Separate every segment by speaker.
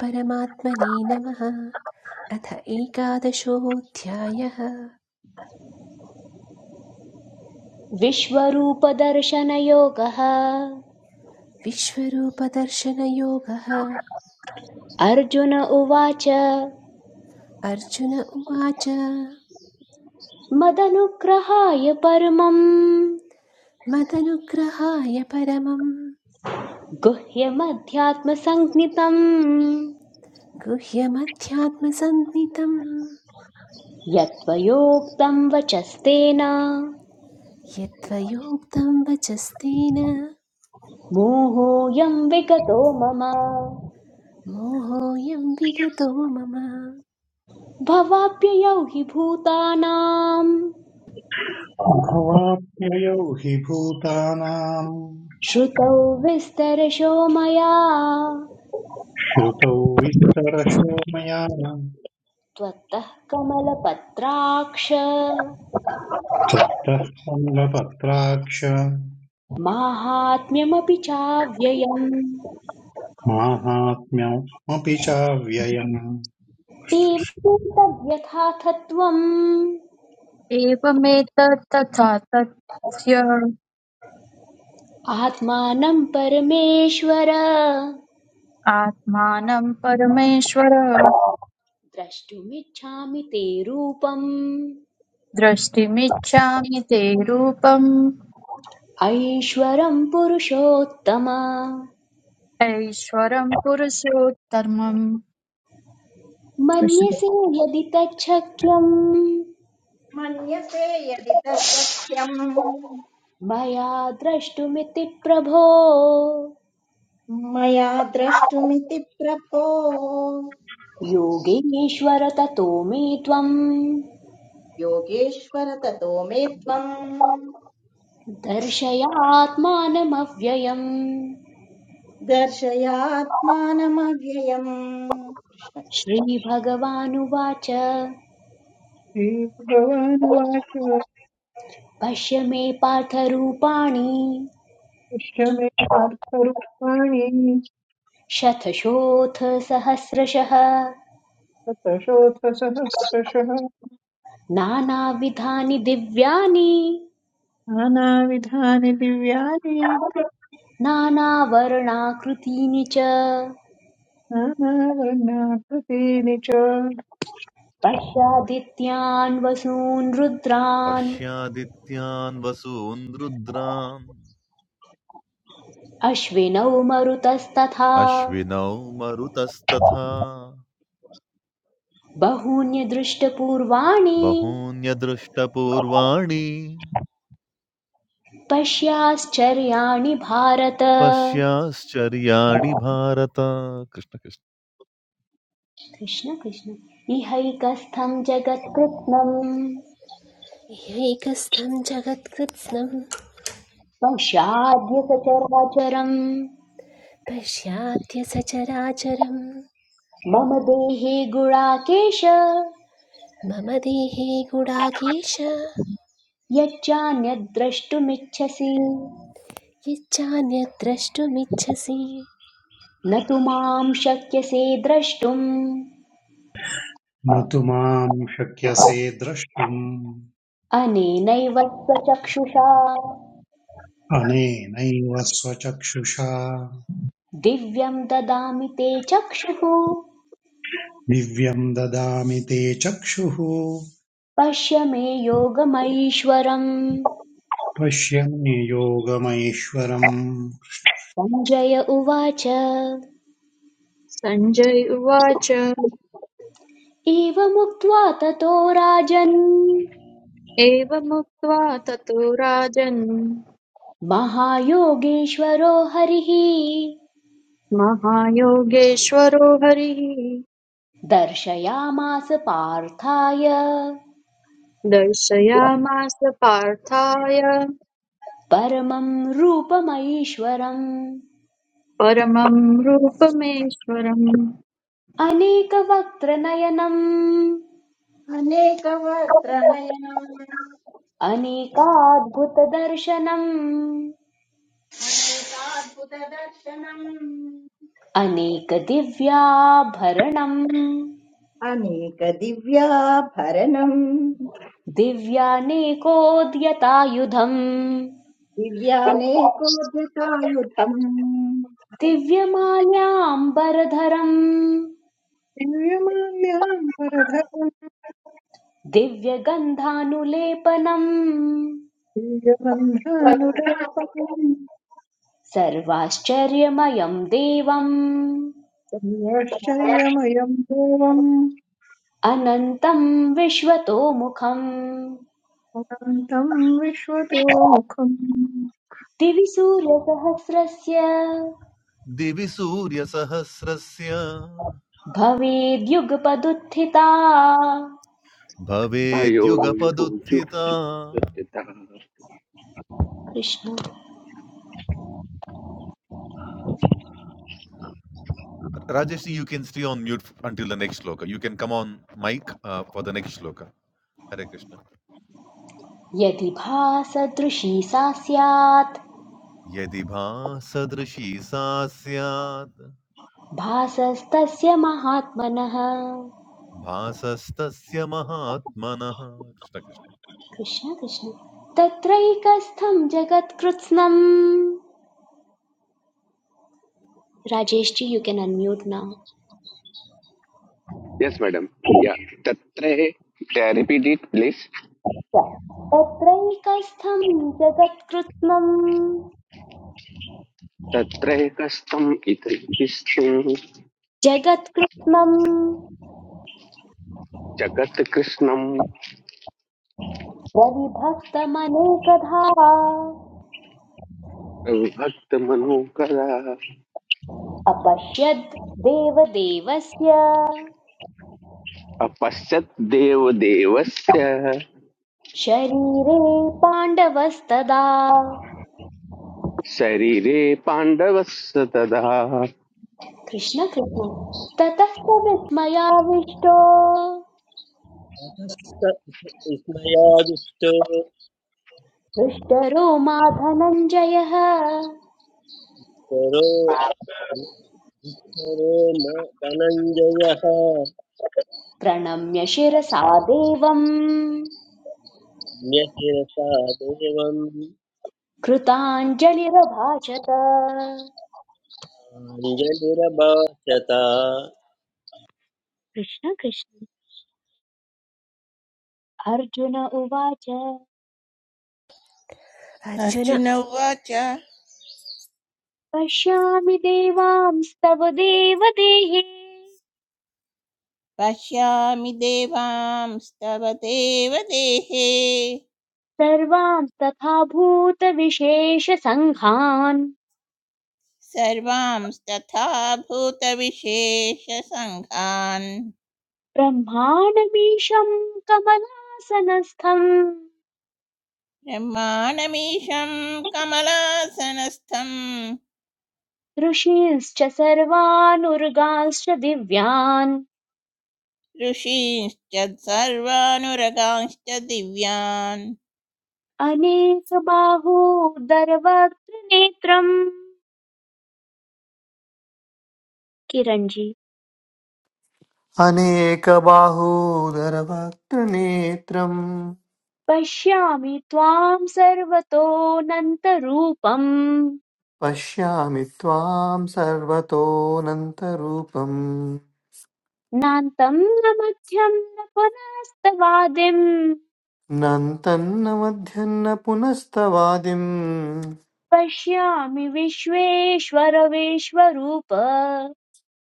Speaker 1: परमात्मने नमः अथ एकादशोऽध्यायः
Speaker 2: विश्वरूपदर्शनयोगः
Speaker 1: विश्वरूपदर्शनयोगः
Speaker 2: अर्जुन उवाच
Speaker 1: अर्जुन उवाच
Speaker 2: मदनुग्रहाय परमम्
Speaker 1: मदनुग्रहाय परमं
Speaker 2: गुह्यमध्यात्मसञ्ज्ञितम्
Speaker 1: गुह्यमध्यात्मसन्नितं
Speaker 2: यत्त्वयोक्तं वचस्तेन
Speaker 1: यत्त्वयोक्तं वचस्तेन
Speaker 2: मोहोऽयं विगतो मम
Speaker 1: मोहोऽयं विगतो मम
Speaker 2: भवाप्ययौ हि भूतानां
Speaker 3: भवाप्ययौ हि भूतानाम्
Speaker 2: श्रुतौ विस्तरशो मया
Speaker 3: श्रुतौ विस्तरशो मया
Speaker 2: त्वत्तः कमलपत्राक्ष
Speaker 3: त्वत्तः सङ्गपत्राक्ष
Speaker 2: माहात्म्यमपि चाव्ययम्
Speaker 3: माहात्म्यमपि चाव्ययम्
Speaker 2: एवं तद्यथाथत्वम्
Speaker 4: एवमेतत्तथा तस्य
Speaker 2: आत्मानं परमेश्वर
Speaker 4: आत्मानं परमेश्वर
Speaker 2: द्रष्टुमिच्छामि ते रूपम्
Speaker 4: द्रष्टुमिच्छामि ते रूपम्
Speaker 2: ऐश्वरं पुरुषोत्तम
Speaker 4: ऐश्वरं पुरुषोत्तमम् कृष्ण
Speaker 2: मन्यसे यदि तच्छक्यम्
Speaker 5: मन्यसे यदि तत्सत्यम्
Speaker 2: मया द्रष्टुमिति प्रभो
Speaker 5: मया द्रष्टुमिति प्रभो
Speaker 2: योगेश्वर ततो मे त्वम्
Speaker 5: योगेश्वर ततो मे त्वम्
Speaker 2: दर्शयात्मानमव्ययम्
Speaker 5: दर्शयात्मानमव्ययम् कृष्ण
Speaker 2: श्रीभगवानुवाच
Speaker 6: श्रीभगवानुवाच
Speaker 2: पश्य मे पार्थरूपाणि
Speaker 6: पश्यमे पार्थरूपाणि
Speaker 2: शतशोऽथ सहस्रशः
Speaker 6: शतशोथसहस्रशः
Speaker 2: नानाविधानि दिव्यानि
Speaker 6: नानाविधानि दिव्यानि
Speaker 2: नानावर्णाकृतीनि च
Speaker 6: नानावर्णाकृतीनि च
Speaker 2: पश्यादित्यान् वसून् रुद्रान्
Speaker 7: पश्यादित्यान् वसून् रुद्रान्
Speaker 2: अश्विनौ मरुतस्तथा
Speaker 7: अश्विनौ मरुतस्तथा
Speaker 2: बहून्यदृष्टपूर्वाणि
Speaker 7: बहून्यदृष्टपूर्वाणि
Speaker 2: पश्याश्चर्याणि भारत
Speaker 7: पश्याश्चर्याणि भारत कृष्ण कृष्ण
Speaker 2: कृष्ण कृष्ण इहैकस्थं जगत्कृत्स्नं
Speaker 1: यैकस्थं जगत्कृत्स्नं
Speaker 2: पश्याद्य सचराचरम्
Speaker 1: पश्याद्य सचराचरं
Speaker 2: मम देहे गुणाकेश
Speaker 1: मम देहे गुडाकेश
Speaker 2: यच्चान्यद्द्रष्टुमिच्छसि
Speaker 1: यच्चान्यद्
Speaker 2: न तु मां शक्यसे द्रष्टुम्
Speaker 3: न तु माम् शक्यसे द्रष्टुम्
Speaker 2: अनेनैव स्वचक्षुषा
Speaker 3: अनेनैव स्वचक्षुषा
Speaker 2: दिव्यं ददामि ते चक्षुः
Speaker 3: दिव्यम् ददामि ते चक्षुः
Speaker 2: पश्य मे योगमैश्वरम्
Speaker 3: पश्यन्नि योगमैश्वरम्
Speaker 2: सञ्जय उवाच
Speaker 4: सञ्जय उवाच
Speaker 2: एवमुक्त्वा ततो राजन्
Speaker 4: एवमुक्त्वा ततो राजन्
Speaker 2: महायोगेश्वरो हरिः
Speaker 4: महायोगेश्वरो हरिः
Speaker 2: दर्शयामास पार्थाय
Speaker 4: दर्शयामास पार्थाय
Speaker 2: परमं रूपमैश्वरम्
Speaker 4: परमं रूपमेश्वरम्
Speaker 2: अनेकवक्त्रनयनम्
Speaker 5: अनेकवक्त्रनयनम्
Speaker 2: अनेकाद्भुतदर्शनम् अनेकदिव्याभरणम्
Speaker 5: अनेकाद्भुतदर्शनम् अनेकदिव्याभरणम्
Speaker 2: दिव्यानेकोद्यतायुधम्
Speaker 5: दिव्यानेकोद्यतायुधम्
Speaker 2: दिव्यमाल्याम्बरधरम्
Speaker 6: दिव्यमाल्याम् परधरम्
Speaker 2: दिव्यगन्धानुलेपनम्
Speaker 6: दिव्यबन्धानुलेपनम्
Speaker 2: सर्वाश्चर्यमयं देवम्
Speaker 6: दिव्याश्चर्यमयम् देवम्
Speaker 2: अनन्तं विश्वतोमुखम्
Speaker 6: अनन्तम् विश्वतोमुखम्
Speaker 2: दिवि सूर्यसहस्रस्य
Speaker 7: दिवि सूर्यसहस्रस्य
Speaker 2: भवेद्युगपदुत्थिता
Speaker 8: अयो यो यो
Speaker 7: भवेद्युगपदुत्थिता
Speaker 8: यो- तथा।
Speaker 2: Krishna
Speaker 7: Rajesh, you can stay on mute until the next shloka. You can come on mic uh, for the next shloka. Hare Krishna.
Speaker 2: यदि भासदृशी सा स्यात्
Speaker 7: यदि भासदृशी सा स्यात्
Speaker 2: भासस्तस्य महात्मनः
Speaker 7: भासस्तस्य महात्मनः कृष्ण कृष्ण
Speaker 2: कृष्ण कृष्ण तत्रैकस्थं जगत्कृत्स्नम् Rajesh ji you can unmute now
Speaker 8: Yes, madam. Yeah. Tatre, uh, repeat it, please.
Speaker 2: तत्रैकस्थं जगत्कृत्स्नम्
Speaker 8: Tatre kastam iti kistum
Speaker 2: जगत्कृत्स्नम्
Speaker 8: jagat krishnam
Speaker 2: प्रविभक्तमनेकधा
Speaker 8: भक्त मनोकरा
Speaker 2: अपश्यद् देवदेवस्य
Speaker 8: अपश्यत dev devasya
Speaker 2: शरीरे पाण्डवस्तदा
Speaker 8: sharire pandavasya तदा
Speaker 2: कृष्ण कृष्ण ततः स विस्मयाविष्टो
Speaker 9: ततस्त मया दुष्टो
Speaker 2: हृष्टरो मा धनञ्जयः
Speaker 9: करो करो म धनञ्जयः
Speaker 2: प्रणम्य शिरसा देवम्
Speaker 9: न्यशिरसा देवम्
Speaker 2: कृताञ्जलिरभाषत
Speaker 9: अञ्जलिरभाषत
Speaker 2: कृष्ण कृष्ण अर्जुन उवाच
Speaker 1: अर्जुन
Speaker 10: अर्जुन उवाच
Speaker 2: पश्यामि देवांस्तव देवदेहे
Speaker 10: पश्यामि देवांस्तव देव देहे
Speaker 2: सर्वांस्तथा भूतविशेषसङ्घान्
Speaker 10: सर्वांस्तथा भूतविशेषसङ्घान्
Speaker 2: ब्रह्माणमीशं कमलासनस्थं
Speaker 10: ब्रह्माणमीशं कमलासनस्थं
Speaker 2: ऋषींश्च सर्वानुर्गांश्च दिव्यान्
Speaker 10: ऋषींश्च सर्वानुरगांश्च दिव्यान्
Speaker 2: अनेकबाहोदरवक्त्रनेत्रम् किरञ्जी
Speaker 11: अनेकबाहूदरवक्त्रनेत्रम्
Speaker 2: पश्यामि त्वां सर्वतोऽनन्तरूपम्
Speaker 11: पश्यामि त्वां सर्वतोऽनन्तरूपम्
Speaker 2: नान्तं न मध्यं न पुनस्तवादिं
Speaker 11: नन्तन्न मध्यन्न पुनस्तवादिम्
Speaker 2: पश्यामि विश्वेश्वरविश्वरूप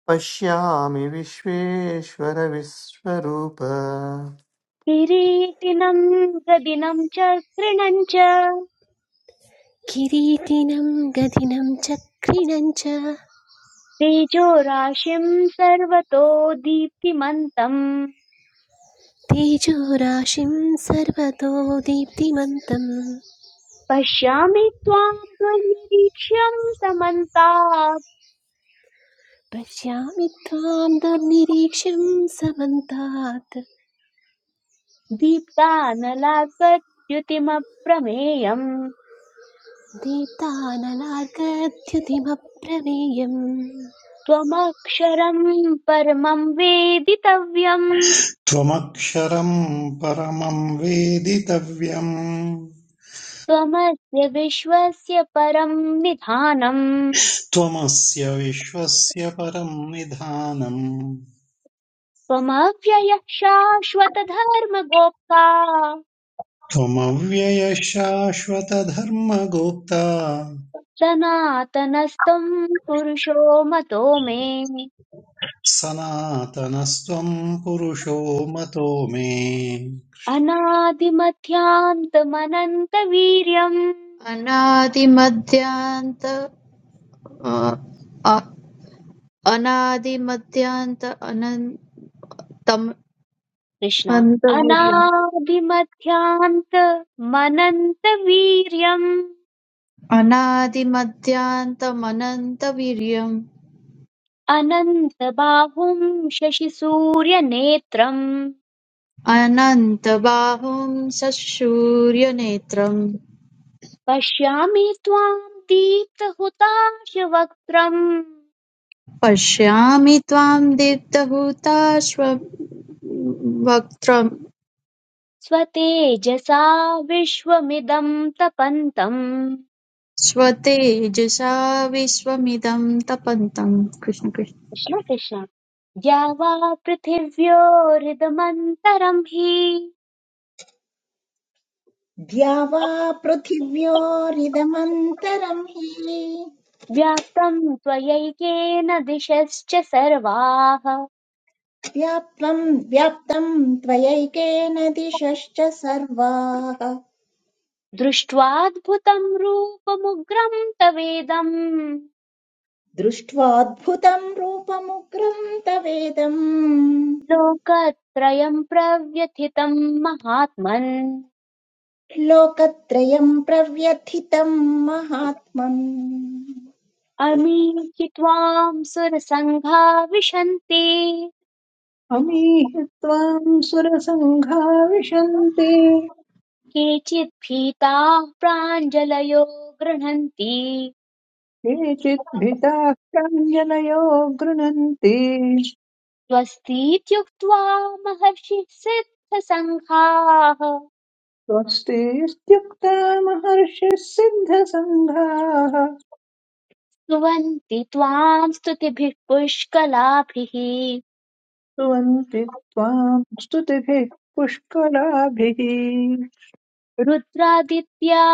Speaker 11: पश्यामि विश्वेश्वर विश्वरूप
Speaker 2: किरीटिनं प्रदिनं च तृणं च
Speaker 1: किरीटिनं गदिनं चक्रिणं च
Speaker 2: तेजोराशिं सर्वतो दीप्तिमन्तम्
Speaker 1: तेजोराशिं सर्वतो दीप्तिमन्तं
Speaker 2: पश्यामि त्वां त्वन्निरीक्ष्यं समन्तात्
Speaker 1: पश्यामि त्वां दुर्निरीक्ष्यं समन्तात्
Speaker 2: दीप्तानलाकद्युतिमप्रमेयम्
Speaker 1: दीप्तानलार्कद्युतिमप्रमेयम्
Speaker 2: त्वमक्षरम् परमं वेदितव्यम्
Speaker 3: त्वमक्षरम् परमम् वेदितव्यम्
Speaker 2: त्वमस्य विश्वस्य परम् निधानम्
Speaker 3: त्वमस्य विश्वस्य परम् निधानम्
Speaker 2: त्वमव्ययः शाश्वतधर्मगोप्ता
Speaker 3: त्वमव्ययशाश्वतधर्मगुप्ता
Speaker 2: सनातनस्त्वम् पुरुषो मतो मे
Speaker 3: सनातनस्त्वम् पुरुषो मतो मे
Speaker 2: अनादिमध्यान्तमनन्तवीर्यम्
Speaker 4: अनादिमध्यान्त अ- अनादिमध्यान्त अनन्तम्
Speaker 2: कृष्ण
Speaker 4: अनन्तवीर्यम्
Speaker 2: अनादिमध्यान्तमनन्तवीर्यम्
Speaker 4: अनादिमध्यान्तमनन्तवीर्यम्
Speaker 2: अनन्तबाहुम् शशिसूर्यनेत्रम्
Speaker 4: अनन्तबाहुं ससूर्यनेत्रम्
Speaker 2: पश्यामि त्वां दीप्तहुताशवक्त्रम्
Speaker 4: पश्यामि त्वां दीप्तहुताश्व वक्त्रम्
Speaker 2: स्वतेजसा विश्वमिदं तपन्तम्
Speaker 4: स्वतेजसा विश्वमिदं तपन्तम् कृष्ण
Speaker 2: कृष्ण कृष्ण या वा पृथिव्योरिदमन्तरं हि
Speaker 5: द्यावा पृथिव्योरिदमन्तरम् हि
Speaker 2: व्याप्तं त्वयैकेन दिशश्च सर्वाः
Speaker 5: व्याप्तम् व्याप्तं त्वयैकेन दिशश्च सर्वाः
Speaker 2: दृष्ट्वाद्भुतं रूपमुग्रं तवेदं
Speaker 5: दृष्ट्वाद्भुतम् रूपमुग्रम् तवेदम्
Speaker 2: लोकत्रयं प्रव्यथितं महात्मन्
Speaker 5: लोकत्रयम् प्रव्यथितम् महात्मम् कृष्ण
Speaker 2: अमीहि त्वाम् सुरसङ्घा विशन्ति
Speaker 6: अमीहि त्वाम् सुरसङ्घा विशन्ति
Speaker 2: केचित् भीताः प्राञ्जलयो गृह्णन्ति
Speaker 6: केचित् भीताः प्राञ्जनयो गृह्णन्ति
Speaker 2: स्वस्तीत्युक्त्वा महर्षिः सिद्धसङ्घाः
Speaker 6: स्वस्ति इत्युक्ता महर्षिः सिद्धसङ्घाः
Speaker 2: स्तुवन्ति त्वाम् स्तुतिभिः पुष्कलाभिः
Speaker 6: स्तुवन्ति त्वाम् स्तुतिभिः पुष्कराभिः
Speaker 2: रुद्रादित्या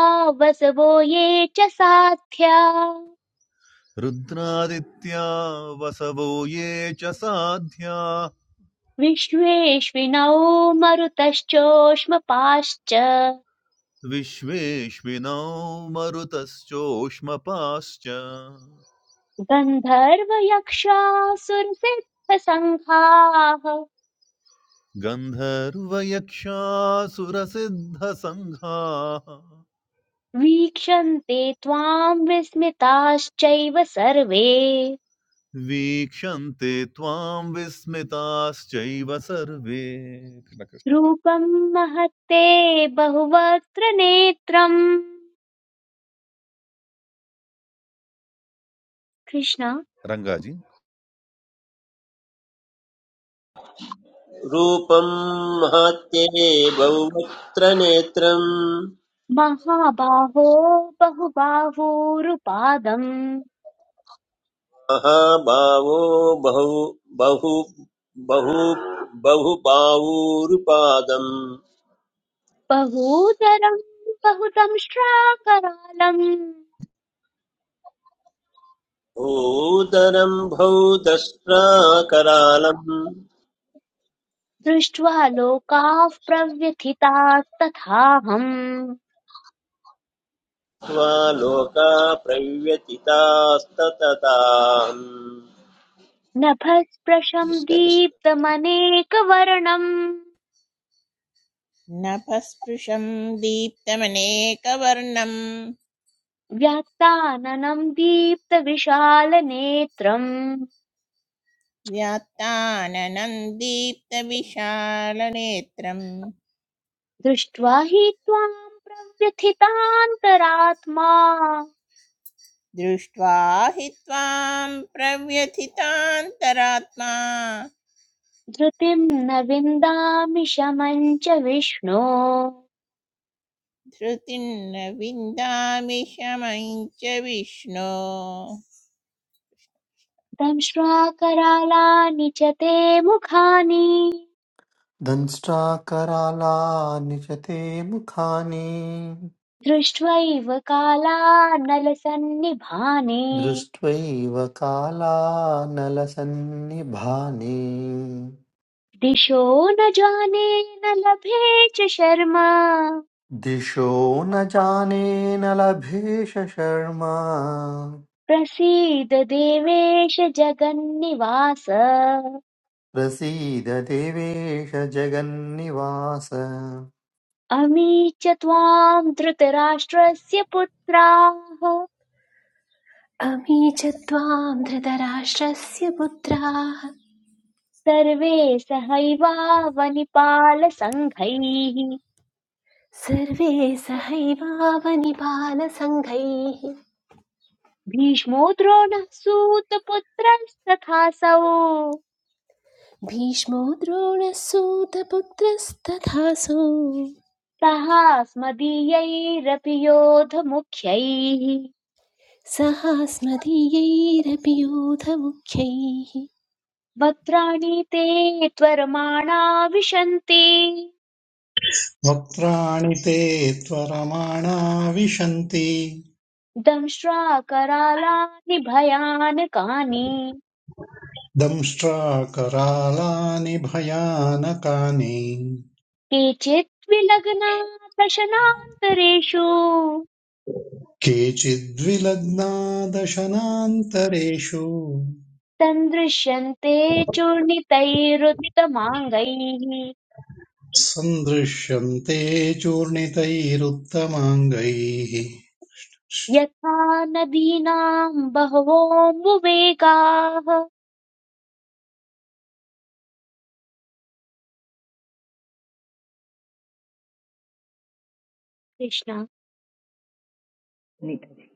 Speaker 2: वसवो ये च साध्या
Speaker 7: रुद्रादित्या वसवो ये च साध्या
Speaker 2: विश्वेष्विनौ मरुतश्चोष्मपाश्च
Speaker 7: विश्वेश्विनौ मरुतश्चोष्मपाश्च
Speaker 2: गन्धर्वयक्षासुरसिद्धसङ्घाः
Speaker 7: गन्धर्वयक्षासुरसिद्धसङ्घाः
Speaker 2: वीक्षन्ते त्वाम् विस्मिताश्चैव सर्वे
Speaker 7: वीक्षन्ते त्वां विस्मिताश्चैव सर्वे कृष्ण कृष्ण
Speaker 2: रूपम् महत्ते बहुवक्त्र नेत्रम् कृष्ण
Speaker 7: रङ्गाजी
Speaker 9: रूपम् महत्ये बहुवक्त्र नेत्रम्
Speaker 2: महाबाहो बहुबाहूरुपादम्
Speaker 9: महाभावो बहु बहु बहु बहुबाहूरुपादम्
Speaker 2: बहूतरम् बहुतम् श्राकरालम्
Speaker 9: भूधरम् भौदष्ट्रा करालम्
Speaker 2: दृष्ट्वा लोकाः प्रव्यथितास्तथाहम्
Speaker 9: मा लोका प्रव्यतितास्ततताम्
Speaker 2: नभःस्पृशं
Speaker 9: कृष्णकृष्ण
Speaker 2: दीप्तमनेकवर्णं
Speaker 10: नभस्पृशं दीप्तमनेकवर्णं
Speaker 2: व्याक्ताननं दीप्तविशालनेत्रम्
Speaker 10: व्यात्ताननं दीप्तविशालनेत्रम्
Speaker 2: दृष्ट्वा हि त्वां प्रव्यथितान्तरात्मा
Speaker 10: दृष्ट्वा हि त्वां प्रव्यथितान्तरात्मा
Speaker 2: धृतिं न विन्दामि शमं च विष्णो
Speaker 10: धृतिर्न विन्दामि शमं च विष्णो
Speaker 2: दंष्ट्वाकरालानि च ते मुखानि
Speaker 11: दंष्ट्राकरालानि च ते मुखानि
Speaker 2: दृष्ट्वैव कालानलसन्निभानि
Speaker 11: दृष्ट्वैव कालानलसन्निभानि
Speaker 2: दिशो न जाने न लभे च शर्मा
Speaker 11: दिशो न जाने न लभेश शर्मा
Speaker 2: प्रसीद देवेश जगन्निवास
Speaker 11: प्रसीद देवेश जगन्निवास परं
Speaker 2: अमी च त्वाम् धृतराष्ट्रस्य पुत्राः
Speaker 1: अमी च त्वां धृतराष्ट्रस्य पुत्राः
Speaker 2: सर्वे सहैवावनिपालसङ्घैः
Speaker 1: सर्वे सहैवावनिपालसङ्घैः
Speaker 2: भीष्मो द्रोणः सूतपुत्रस्तथासौ
Speaker 1: भीष्मो द्रोणसूतपुत्रस्तथासौ
Speaker 2: सहास्मदीयैरपि योधमुख्यैः
Speaker 1: सहास्मदीयैरपि योधमुख्यैः
Speaker 2: वक्त्राणि ते त्वरमाणा विशन्ति
Speaker 3: वक्त्राणि ते त्वरमाणा विशन्ति
Speaker 2: दंश्वाकरालानि भयानकानि
Speaker 3: दंष्ट्राकरालानि भयानकानि
Speaker 2: केचित् विलग्ना दशनान्तरेषु
Speaker 3: केचिद्विलग्ना दशनान्तरेषु
Speaker 2: तन्दृश्यन्ते चूर्णितैरुत्तमाङ्गैः
Speaker 3: सन्दृश्यन्ते चूर्णितैरुत्तमाङ्गैः
Speaker 2: यथा नदीनाम् बहवोऽम्बुवेगाः कृष्ण
Speaker 5: नितरे।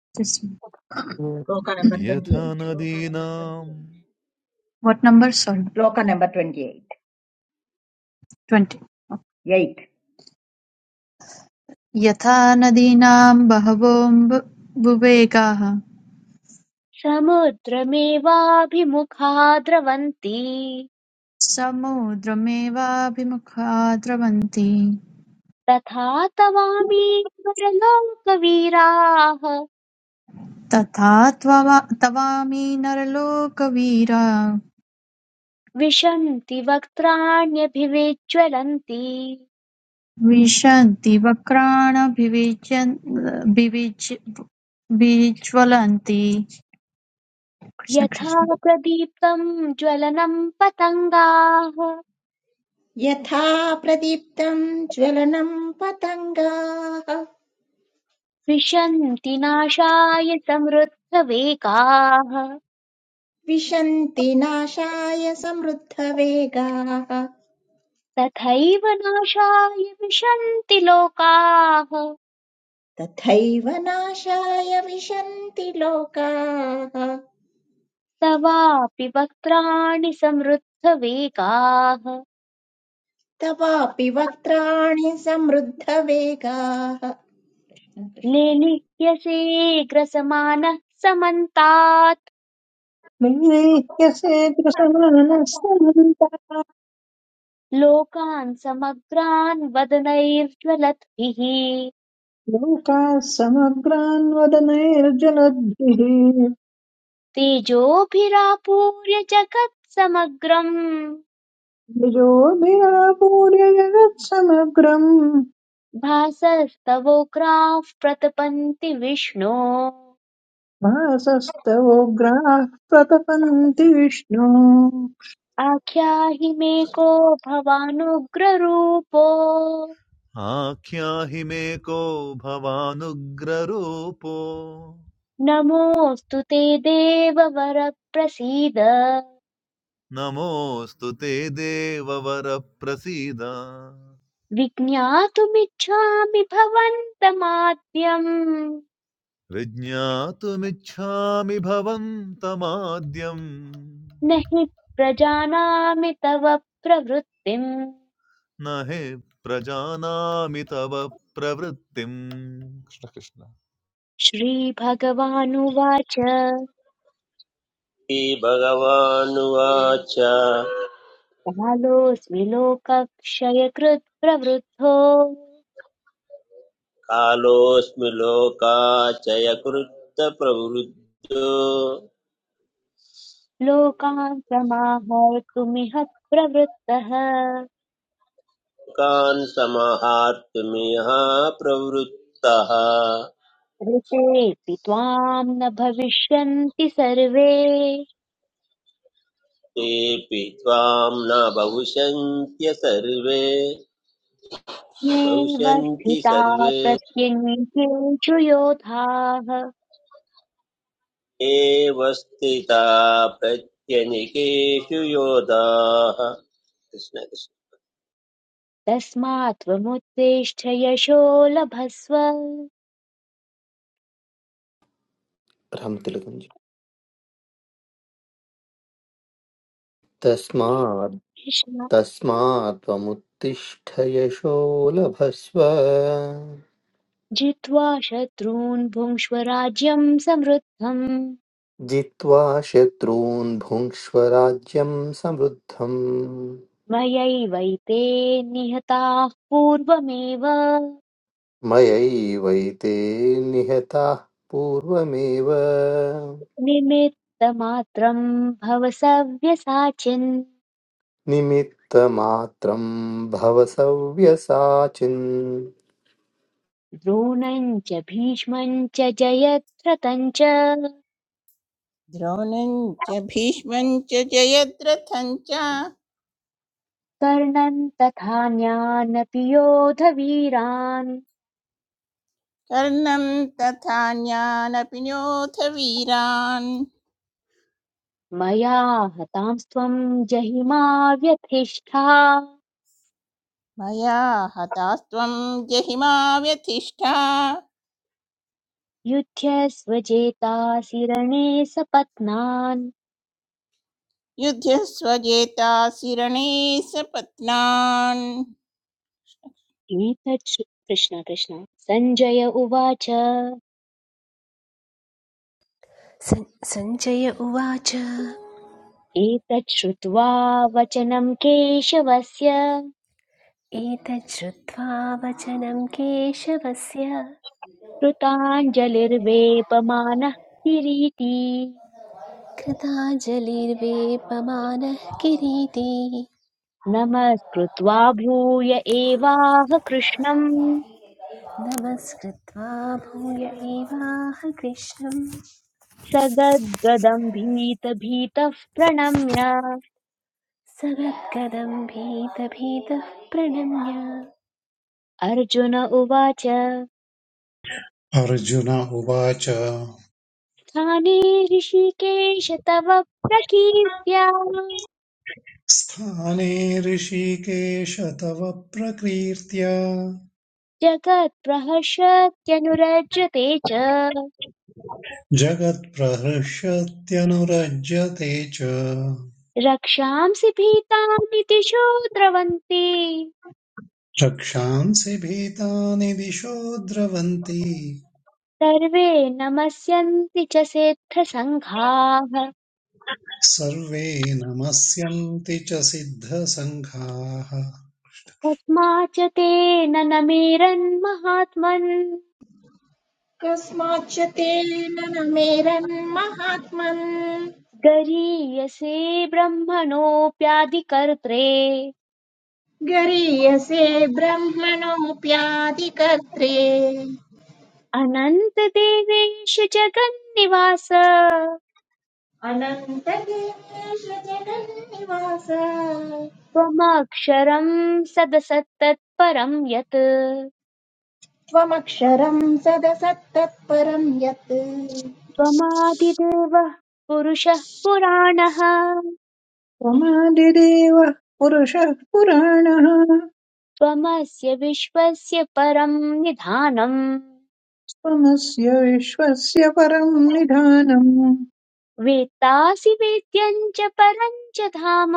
Speaker 4: कृष्ण
Speaker 5: Shloka number
Speaker 7: यथा
Speaker 5: 28.
Speaker 7: नदीनां
Speaker 4: what number sorry
Speaker 5: shloka number twenty
Speaker 4: twenty यथा नदीनां बहवो बुभेगाः
Speaker 2: समुद्रमेवाभिमुखा द्रवन्ति
Speaker 4: समुद्रमेवाभिमुखा द्रवन्ति
Speaker 2: तथा तवामीश्वरलोकवीराः
Speaker 4: तथा तवामि नरलोकवीरा
Speaker 2: विशन्ति वक्त्राण्यभिविज्ज्वलन्ति
Speaker 4: विशन्ति वक्राणभिविज्वलन्ति कृष्ण
Speaker 2: यथा
Speaker 4: कृष्ण
Speaker 2: प्रदीप्तम् ज्वलनम् पतङ्गाः
Speaker 5: यथा प्रदीप्तम् ज्वलनम् पतङ्गाः
Speaker 2: विशन्ति नाशाय समृद्धवेगाः
Speaker 5: विशन्ति नाशाय समृद्धवेगाः
Speaker 2: तथैव नाशाय विशन्ति लोकाः
Speaker 5: तथैव नाशाय विशन्ति लोकाः
Speaker 2: तवापि वक्त्राणि समृद्धवेगाः
Speaker 5: तवापि वक्त्राणि समृद्धवेगाः कृष्ण।
Speaker 2: लेलिह्यसे ग्रसमानः समन्तात्
Speaker 6: नैवेह्यसेतृसमानः समन्ता
Speaker 2: लोकान् समग्रान् वदनैर्ज्वलद्भिः
Speaker 6: लोकाः समग्रान् वदनैर्जलद्भिः
Speaker 2: तेजोभिरापूर्य जगत्समग्रम्
Speaker 6: निजोभिरापूर्य जगत्समग्रम्
Speaker 2: भासस्तवोग्राः प्रतपन्ति विष्णो
Speaker 6: मासस्तवोग्राः प्रतपन्ति विष्णु
Speaker 2: आख्याहि मे को भवानुग्ररूपो
Speaker 7: आख्याहि मे को भवानुग्ररूपो
Speaker 2: नमोऽस्तु ते देववर प्रसीद
Speaker 7: नमोऽस्तु ते देववरप्रसीद
Speaker 2: विज्ञातुमिच्छामि भवन्तमाद्यम्
Speaker 7: विज्ञातुमिच्छामि भवन्तमाद्यम्
Speaker 2: न हि प्रजानामि तव प्रवृत्तिम्
Speaker 7: न हि प्रजानामि तव प्रवृत्तिम्
Speaker 2: श्रीभगवानुवाच
Speaker 9: भगवानुवाच
Speaker 2: कालोऽस्मि लोकक्षयकृत् प्रवृद्धो
Speaker 9: कालोऽस्मि लोकाचयकृत्तप्रवृद्धो लोकान्
Speaker 2: लोकान् समाहर्तुमिह प्रवृत्तः
Speaker 9: समाहर्तुमिह प्रवृत्तः
Speaker 2: ऋतेऽपि त्वाम् न भविष्यन्ति सर्वे
Speaker 9: तेऽपि त्वां न बहुशन्त्य सर्वे
Speaker 2: येव
Speaker 9: बहुशन्ति
Speaker 2: स्थिता
Speaker 9: सर्वे
Speaker 2: प्रत्यनीकेषु योधाः
Speaker 9: एव स्थिता प्रत्यनिकेषु योधाः कृष्णकृष्ण
Speaker 2: तस्मात् त्वमुत्तिष्ठ यशो लभस्व
Speaker 11: तिलकञ्च तस्मात् तस्मात् त्वमुत्तिष्ठ यशो लभस्व
Speaker 2: जित्वा शत्रून् भुङ्क्ष्व राज्यं समृद्धम्
Speaker 11: जित्वा शत्रून् भुङ्क्ष्व राज्यं समृद्धम्
Speaker 2: मयैवैते निहताः पूर्वमेव
Speaker 11: मयैवैते निहताः पूर्वमेव
Speaker 2: निमित्तमात्रं भव सव्यसाचिन्
Speaker 11: निमित्तमात्रं भवसव्यसाचिन् सव्यसाचिन्
Speaker 2: द्रोणम् च भीष्मम् च जयद्रथम् च
Speaker 10: द्रोणं च भीष्मं च जयद्रथं च
Speaker 2: कर्णन् तथान्यानपि योधवीरान्
Speaker 10: कर्णं तथान्यानपि नोऽथ वीरान्
Speaker 2: मया हतांस्त्वम् जहिमा व्यथिष्ठा
Speaker 10: मया हतास्त्वं जहिमा व्यथिष्ठा
Speaker 2: युध्यस्वजेतासि रणे सपत्नान्
Speaker 10: युध्यस्वजेता सिरणे सपत्नान्
Speaker 2: एतत् श्रु- कृष्ण कृष्ण सञ्जय उवाच
Speaker 1: सञ्जय उवाच
Speaker 2: एतत् श्रुत्वा वचनं केशवस्य
Speaker 1: एतच्छ्रुत्वा वचनं केशवस्य
Speaker 2: कृताञ्जलिर्वेपमानः किरीटी
Speaker 1: कृताञ्जलिर्वेपमानः किरीटी
Speaker 2: नमस्कृत्वा भूय एवाह कृष्णम्
Speaker 1: नमस्कृत्वा भूय एवाह कृष्णं
Speaker 2: स गद्गदम् भीत भीतः प्रणम्य
Speaker 1: सगद्गदं भीतभीतः प्रणम्य
Speaker 2: अर्जुन उवाच
Speaker 3: अर्जुन उवाच
Speaker 2: स्थाने ऋषिकेश तव प्रकीर्त्या
Speaker 3: स्थाने ऋषिकेश तव प्रकीर्त्या
Speaker 2: जगत्प्रहर्षत्यनुरज्यते च
Speaker 3: जगत्प्रहर्षत्यनुरज्यते च
Speaker 2: रक्षांसि भीतानिति शो द्रवन्ति
Speaker 3: रक्षांसि भीतानि दिशो द्रवन्ति
Speaker 2: सर्वे नमस्यन्ति च सेत्थसङ्घाः
Speaker 3: सर्वे नमस्यन्ति च सिद्धसङ्घाः
Speaker 2: तस्मा च तेन नमेरन्महात्मन्
Speaker 5: कस्माच्च तेन न मेरन्महात्मन्
Speaker 2: गरीयसे ब्रह्मणोऽप्यादिकर्त्रे
Speaker 5: गरीयसे ब्रह्मणोऽप्यादिकर्त्रे
Speaker 2: अनन्तदेवेश जगन्निवास
Speaker 5: अनन्तकेश जगन्निवास
Speaker 2: त्वमक्षरं सदसत्तत्परं यत्
Speaker 5: त्वमक्षरं सदसत्तत्परं यत्
Speaker 2: त्वमादिदेवः पुरुषः पुराणः
Speaker 6: त्वमादिदेवः पुरुषः पुराणः
Speaker 2: त्वमस्य विश्वस्य परं निधानम्
Speaker 6: त्वमस्य विश्वस्य परम् निधानम्
Speaker 2: वेत्तासि वेद्यं च परं च धाम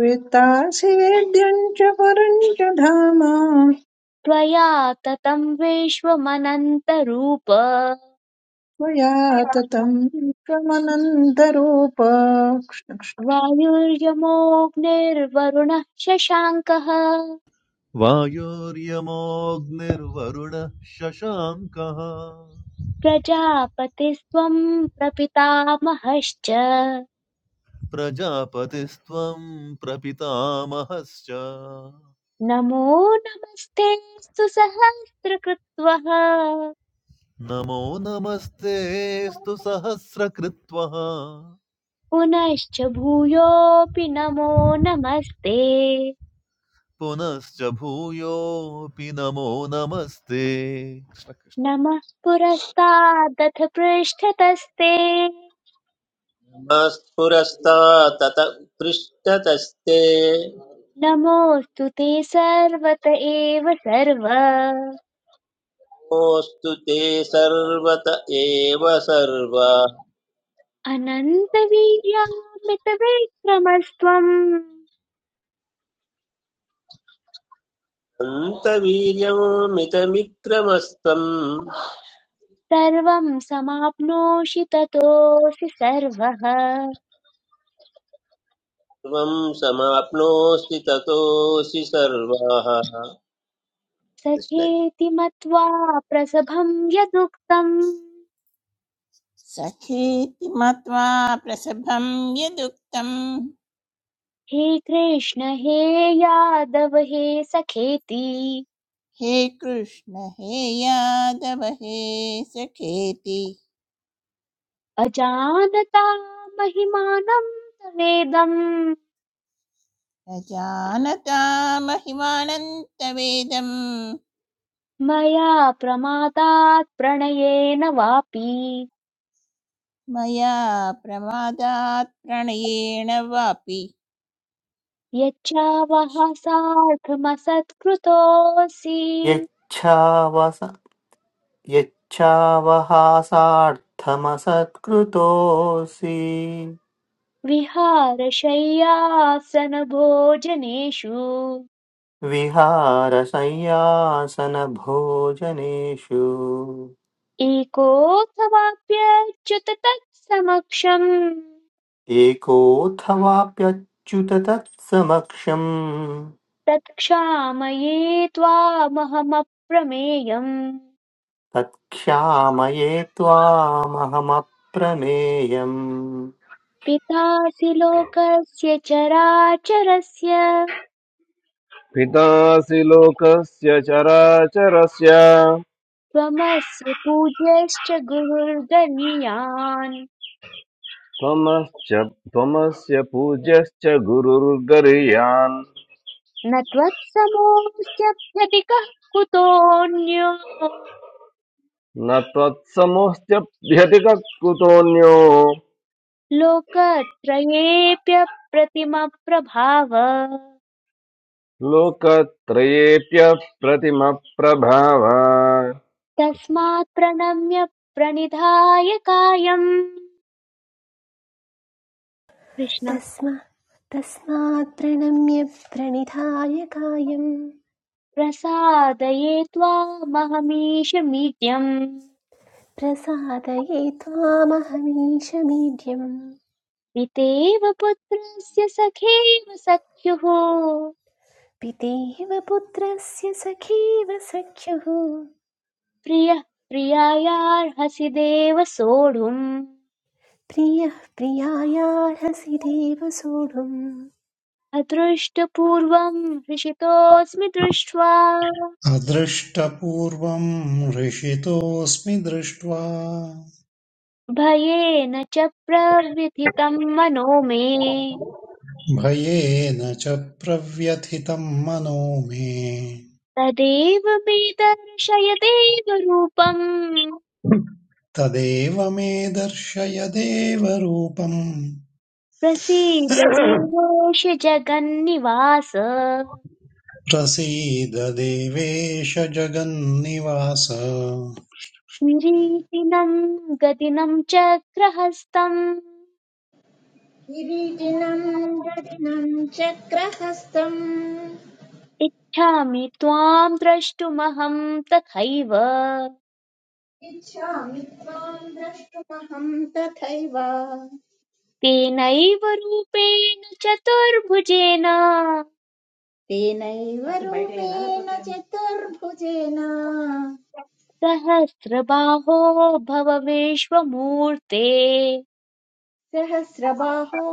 Speaker 6: वेत्तासि वेद्यम् च परम् च धाम
Speaker 2: त्वया ततं विश्वमनन्तरूप
Speaker 6: त्वया ततम् विश्वमनन्तरूप
Speaker 2: वायुर्यमोऽग्निर्वरुणः शशाङ्कः
Speaker 7: वायुर्यमोऽग्निर्वरुणः शशाङ्कः
Speaker 2: प्रजापतिस्त्वं प्रपितामहश्च
Speaker 7: प्रजापतिस्त्वं प्रपितामहश्च
Speaker 2: नमो नमस्ते सहस्रकृत्वः
Speaker 7: नमो नमस्तेऽस्तु सहस्रकृत्वः
Speaker 2: पुनश्च भूयोऽपि नमो नमस्ते
Speaker 7: पुनश्च भूयोऽपि नमो नमस्ते
Speaker 2: नमः पुरस्तादथ पृष्ठतस्ते
Speaker 9: स्फुरस्ता तत पृष्ठतस्ते
Speaker 2: नमोऽस्तु ते सर्वत एव सर्व
Speaker 9: नमोऽस्तु ते सर्वत एव सर्वा
Speaker 2: अनन्तवीर्यामितविक्रमस्त्वम्
Speaker 9: अन्तवीर्यं मितमिक्रमस्त्वं
Speaker 2: सर्वं समाप्नोषि ततोऽसि सर्वः
Speaker 9: सर्वं समाप्नोऽसि ततोऽसि सर्वाः कृष्ण
Speaker 2: सखेति मत्वा प्रसभं यदुक्तम्
Speaker 10: सखेति मत्वा प्रसभं यदुक्तं
Speaker 2: हे कृष्ण हे यादव हे सखेति
Speaker 10: हे कृष्ण हे यादव हे सखेति
Speaker 2: अजानता महिमानं तवेदं।
Speaker 10: न जानता महिमानन्तवेदं
Speaker 2: मया प्रमादात् प्रणयेन वापि
Speaker 10: मया प्रमादात् प्रणयेण वापि
Speaker 2: यच्चावः सार्थमसत्कृतोऽसि
Speaker 11: यच्छावस यच्छावहासार्थमसत्कृतोऽसि
Speaker 2: विहारशय्यासनभोजनेषु
Speaker 11: विहारसंयासनभोजनेषु
Speaker 2: एकोऽथवाप्यच्युत तत्समक्षम्
Speaker 11: एकोऽथवाप्यच्युत तत्समक्षम्
Speaker 2: तत्क्षामये त्वामहमप्रमेयम्
Speaker 11: तत्क्षामये त्वामहमप्रमेयम्
Speaker 2: पितासि लोकस्य चराचरस्य
Speaker 12: पितासि लोकस्य चराचरस्य
Speaker 2: त्वमस्य पूज्यश्च गुरुर्गणीयान्
Speaker 12: त्वमश्च त्वमस्य पूज्यश्च गुरुर्गरीयान्
Speaker 2: न त्वत्समोऽस्त्यभ्यधिकः कुतोऽन्यो
Speaker 12: न त्वत्समोऽस्त्यभ्यतिककुतोऽन्यो
Speaker 2: लोकत्रयेऽप्यप्रतिमप्रभाव
Speaker 12: लोकत्रयेऽप्यप्रतिमप्रभाव
Speaker 2: तस्मात् प्रणम्य प्रणिधाय कायम् कृष्ण
Speaker 1: तस्मा तस्मात् प्रणम्य प्रणिधाय कायं
Speaker 2: प्रसादये त्वामहमीशमीड्यम्
Speaker 1: प्रसादये त्वामहमीशमीड्यम्
Speaker 2: पितेव पुत्रस्य सखेव सख्युः
Speaker 1: पितेव पुत्रस्य सखेव सख्युः
Speaker 2: प्रियः प्रियायार्हसि देव सोढुम्
Speaker 1: प्रियः प्रियायार्हसि देव सोढुम्
Speaker 2: अदृष्टपूर्वम् हृषितोऽस्मि दृष्ट्वा
Speaker 3: अदृष्टपूर्वम् हृषितोऽस्मि दृष्ट्वा
Speaker 2: भयेन च प्रव्यथितं मनो मे
Speaker 3: भयेन च प्रव्यथितं मनो मे
Speaker 2: तदेव मे दर्शय देवरूपम्
Speaker 3: तदेव मे दर्शय देवरूपम्
Speaker 2: प्रसीद देवेश जगन्निवास
Speaker 3: प्रसीद देवेश जगन्निवास
Speaker 2: किरीटिनं गदिनं चक्रहस्तम्
Speaker 5: किरीटिनं गदिनं चक्रहस्तम्
Speaker 2: इच्छामि त्वां द्रष्टुमहं तथैव
Speaker 5: इच्छामि त्वां द्रष्टुमहं तथैव
Speaker 2: तेनैव रूपेण चतुर्भुजेन
Speaker 5: तेनैव रूपेण चतुर्भुजेन
Speaker 2: सहस्रबाहो भव विश्वमूर्ते
Speaker 5: सहस्रबाहो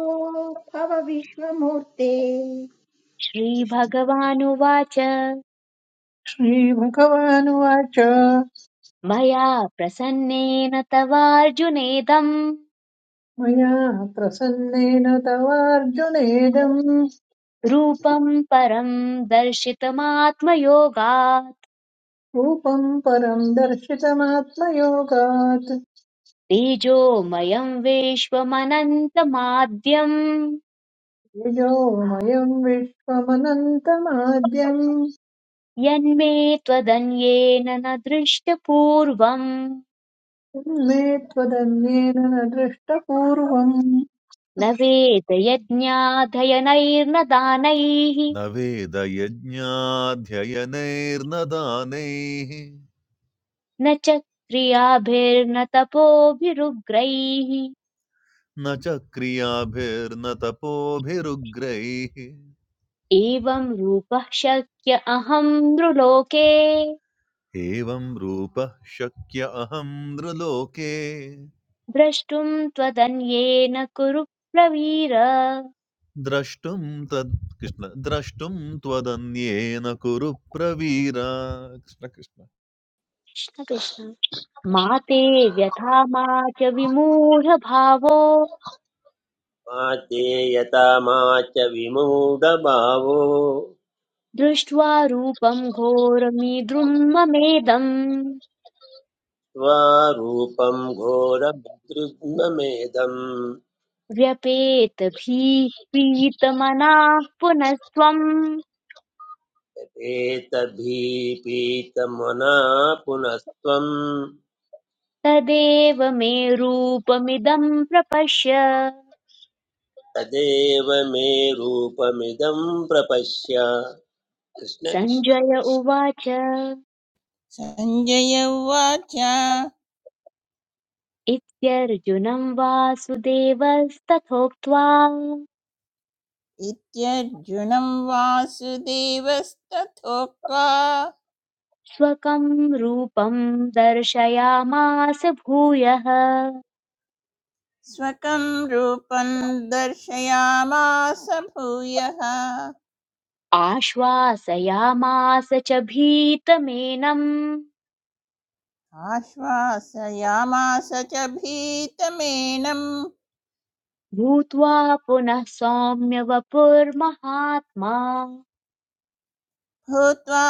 Speaker 5: भव विश्वमूर्ते
Speaker 2: श्रीभगवानुवाच
Speaker 6: श्रीभगवानुवाच
Speaker 2: मया प्रसन्नेन तवार्जुनेदं।
Speaker 6: मया प्रसन्नेन तवार्जुनेदम्
Speaker 2: रूपम् परम् दर्शितमात्मयोगात्
Speaker 6: रूपम् परम् दर्शितमात्मयोगात्
Speaker 2: तेजोमयम् विश्वमनन्तमाद्यम्
Speaker 6: ययोमयं विश्वमनन्तमाद्यं
Speaker 2: यन्मे त्वदन्येन न दृष्टपूर्वम्
Speaker 6: तन्मे त्वदन्येन न दृष्टपूर्वम्
Speaker 2: न वेदयज्ञाधयनैर्न दानैः
Speaker 7: न वेदयज्ञाध्ययनैर्न दानैः
Speaker 2: न च क्रियाभिर्न तपोभिरुग्रैः
Speaker 7: न च क्रियाभिर्न तपोभिरुग्रैः
Speaker 2: एवं रूपः शक्य अहं नृलोके
Speaker 7: एवं रूपः शक्य अहं नृलोके
Speaker 2: द्रष्टुम् त्वदन्येन कुरु प्रवीर कृष्ण
Speaker 7: द्रष्टुं तत् कृष्ण द्रष्टुं त्वदन्येन कुरु प्रवीरा कृष्ण कृष्ण
Speaker 2: कृष्ण मा ते व्यथा मा च विमूढभावो
Speaker 9: मा चेयता मा च विमूढभावो
Speaker 2: दृष्ट्वा रूपम् घोरमीद्रुम् ममेदम्
Speaker 9: त्वा रूपं घोरभद्रुग्नमेदम्
Speaker 2: व्यपेत भीप्रीतमनाः पुनस्त्वम्
Speaker 9: एतभीपीतमना पुनस्त्वं
Speaker 2: तदेव मे रूपमिदं प्रपश्य
Speaker 9: तदेव मे रूपमिदं प्रपश्य कृष्ण कृष्ण
Speaker 2: सञ्जय उवाच
Speaker 10: सञ्जय उवाच
Speaker 2: इत्यर्जुनं वासुदेवस्तथोक्त्वा
Speaker 10: इत्यर्जुनं वासुदेवस्तथोक्त्वा
Speaker 2: स्वकं रूपं दर्शयामास भूयः
Speaker 10: स्वकं रूपं दर्शयामास भूयः
Speaker 2: आश्वासयामास च भीतमेनं
Speaker 10: आश्वासयामास च भीतमेनं
Speaker 2: भूत्वा पुनः सौम्य वपुर्महात्मा
Speaker 10: भूत्वा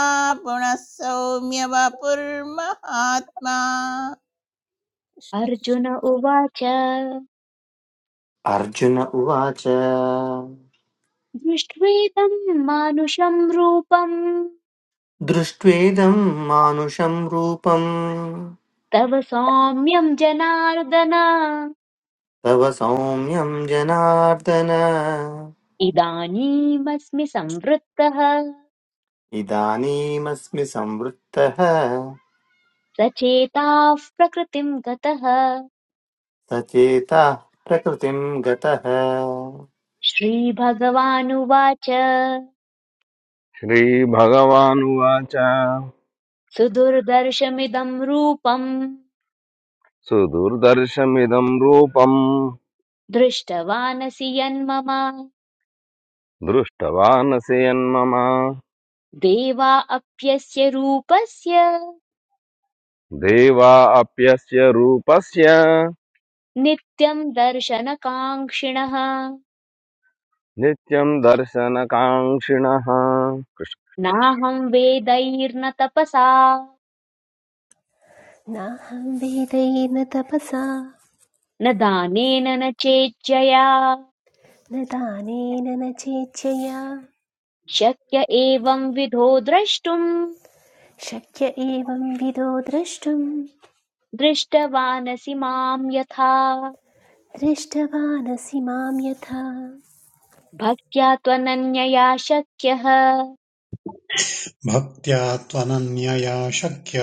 Speaker 10: पुनः सौम्य वपुर्महात्मा कृष्ण कृष्ण
Speaker 2: अर्जुन उवाच
Speaker 11: अर्जुन उवाच
Speaker 2: दृष्ट्वेदं मानुषं रूपं
Speaker 11: दृष्ट्वेदं मानुषं रूपं
Speaker 2: तव सौम्यं जनार्दन
Speaker 11: तव सौम्यं जनार्दन
Speaker 2: इदानीमस्मि संवृत्तः
Speaker 11: इदानीमस्मि संवृत्तः
Speaker 2: सचेताः प्रकृतिं गतः
Speaker 11: सचेता प्रकृतिं गतः
Speaker 2: श्रीभगवानुवाच
Speaker 12: श्रीभगवानुवाच
Speaker 2: सुदुर्दर्शमिदं रूपं
Speaker 12: सुदुर्दर्शमिदं रूपम्
Speaker 2: दृष्टवानसि यन्मम
Speaker 12: दृष्टवानसि यन्मम
Speaker 2: देवा अप्यस्य रूपस्य
Speaker 12: देवा अप्यस्य रूपस्य
Speaker 2: नित्यं दर्शनकाङ्क्षिणः
Speaker 12: नित्यं दर्शनकाङ्क्षिणः
Speaker 2: नाहं वेदैर्न तपसा
Speaker 1: नाहं वेदैर्न तपसा
Speaker 2: न दानेन न चेज्जया
Speaker 1: न दानेन न चेच्छया
Speaker 2: शक्य एवंविधो द्रष्टुम्
Speaker 1: शक्य एवं विदो द्रष्टुं
Speaker 2: दृष्टवानसि माम् यथा
Speaker 1: दृष्टवानसि मां यथा
Speaker 2: भक्त्या त्वनन्यया शक्यः
Speaker 3: भक्त्या त्वनन्यया शक्य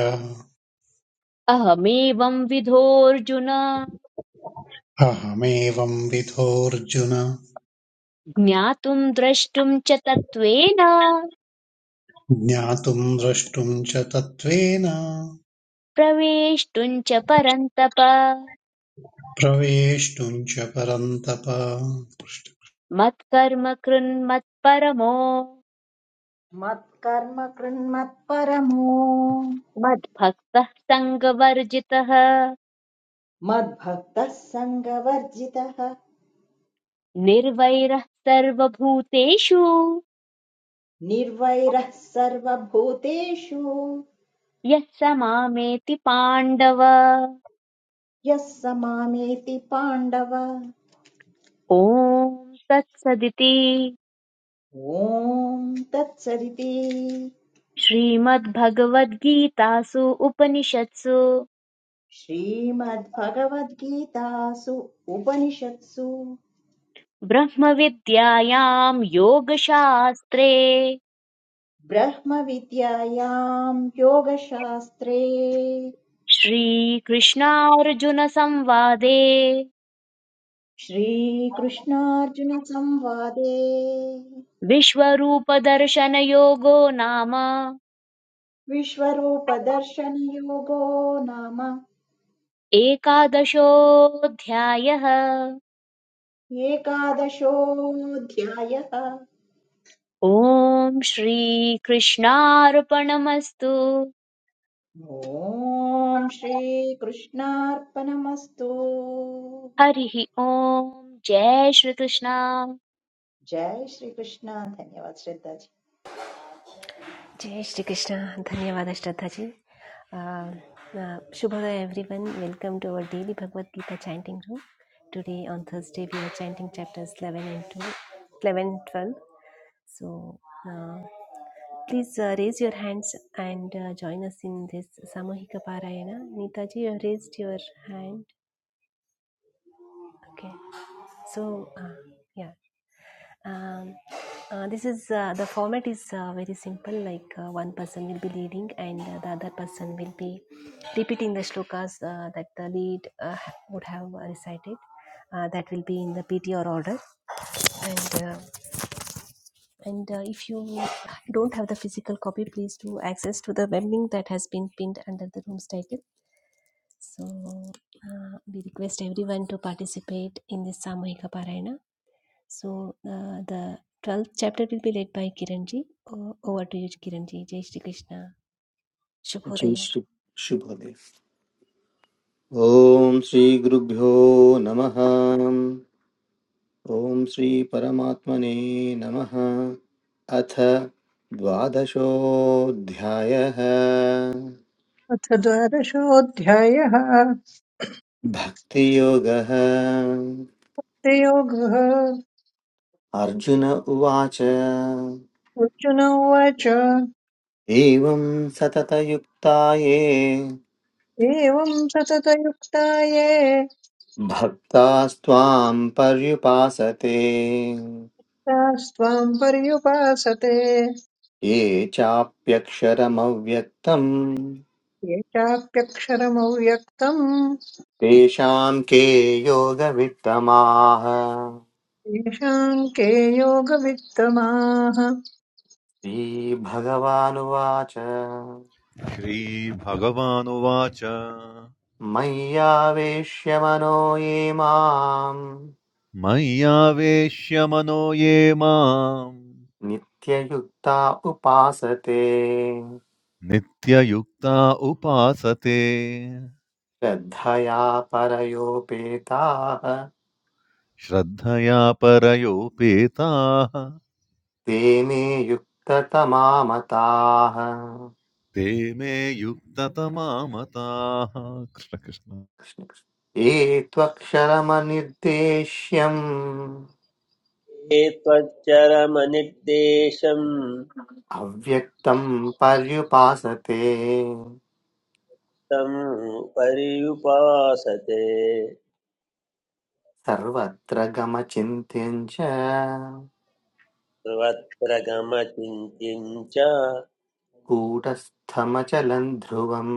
Speaker 2: अहमेवं विधोऽर्जुन
Speaker 3: अहमेवं विधोऽर्जुन
Speaker 2: ज्ञातुम् द्रष्टुम् च तत्त्वेन
Speaker 3: ज्ञातुं द्रष्टुं च तत्त्वेन
Speaker 2: प्रवेष्टुम् च परन्तप
Speaker 3: प्रवेष्टुं च परन्तप
Speaker 2: मत्कर्म कृन्मत्परमो
Speaker 5: मत्कर्म कृन्मत्परमो
Speaker 2: मद्भक्तः सङ्गवर्जितः
Speaker 5: मद्भक्तः सङ्गवर्जितः
Speaker 2: निर्वैरः सर्वभूतेषु
Speaker 5: निर्वैरः सर्वभूतेषु
Speaker 2: यः स मामेति पाण्डव
Speaker 5: यः स मामेति पाण्डव
Speaker 2: ॐ तत्सदिति
Speaker 5: ॐ तत्सदिति
Speaker 2: श्रीमद्भगवद्गीतासु उपनिषत्सु
Speaker 5: श्रीमद्भगवद्गीतासु उपनिषत्सु
Speaker 2: ब्रह्मविद्यायां योगशास्त्रे
Speaker 5: ब्रह्मविद्यायां योगशास्त्रे
Speaker 2: श्रीकृष्णार्जुनसंवादे
Speaker 5: श्रीकृष्णार्जुनसंवादे
Speaker 2: विश्वरूपदर्शनयोगो नाम
Speaker 5: विश्वरूपदर्शनयोगो नाम
Speaker 2: एकादशोऽध्यायः
Speaker 5: एकादशोऽध्यायः
Speaker 2: ॐ श्रीकृष्णार्पणमस्तु
Speaker 5: ॐ श्रीकृष्णार्पणमस्तु
Speaker 2: हरिः ॐ जय श्रीकृष्ण
Speaker 5: जय श्रीकृष्ण धन्यवाद श्रद्धाजी
Speaker 1: जय श्री कृष्ण धन्यवाद श्रद्धा जी अ, अ, शुभोदय everyone welcome to our daily Bhagavad Gita chanting room today on Thursday we are chanting chapters 11 and 2 11 and 12 so uh, please uh, raise your hands and uh, join us in this samohika parayana neeta ji you have raised your hand okay so uh, yeah Um, uh, this is uh, the format is uh, very simple like uh, one person will be leading and uh, the other person will be repeating the shlokas uh, that the lead uh, would have uh, recited uh, that will be in the P.T. or order and uh, and uh, if you don't have the physical copy please do access to the web link that has been pinned under the room's title so uh, we request everyone to participate in this samuhika parayana So uh, the twelfth chapter will be led by Kiranji. O- over to you, Kiranji. Jai Shri Krishna.
Speaker 11: जय
Speaker 1: Shubhodaya.
Speaker 11: Shri शुभोदय ॐ श्रीगुरुभ्यो नमः ॐ श्री परमात्मने नमः अथ द्वादशोऽध्यायः
Speaker 6: अथ द्वादशोऽध्यायः
Speaker 11: भक्तियोगः
Speaker 6: योगः
Speaker 11: अर्जुन उवाच
Speaker 6: अर्जुन उवाच
Speaker 11: एवं सततयुक्ता ये
Speaker 6: एवं सततयुक्ता ये
Speaker 11: भक्तास्त्वां पर्युपासते
Speaker 6: तास्त्वां पर्युपासते
Speaker 11: ये चाप्यक्षरमव्यक्तम्
Speaker 6: ये चाप्यक्षरमव्यक्तम्
Speaker 11: तेषां के योगवित्तमाः
Speaker 6: तेषाम् के योगवित्तमाः
Speaker 11: श्रीभगवानुवाच
Speaker 7: श्रीभगवानुवाच
Speaker 11: मय्यावेश्य मनो ये माम्
Speaker 7: मय्यावेश्य मनो ये माम्
Speaker 11: नित्ययुक्ता उपासते
Speaker 7: नित्ययुक्ता उपासते
Speaker 11: श्रद्धया परयोपेताः
Speaker 7: श्रद्धया परयोपेताः
Speaker 11: ते मे युक्ततमामताः
Speaker 7: ते मे युक्ततमामताः कृष्ण कृष्ण।
Speaker 11: ये त्वक्षरमनिर्देश्यम्
Speaker 9: ये त्वच्चरमनिर्देशं
Speaker 11: अव्यक्तम् पर्युपासते
Speaker 9: तं पर्युपासते
Speaker 11: सर्वत्र गमचिन्त्यम् च
Speaker 9: सर्वत्र च
Speaker 11: कूटस्थमचलम् ध्रुवम्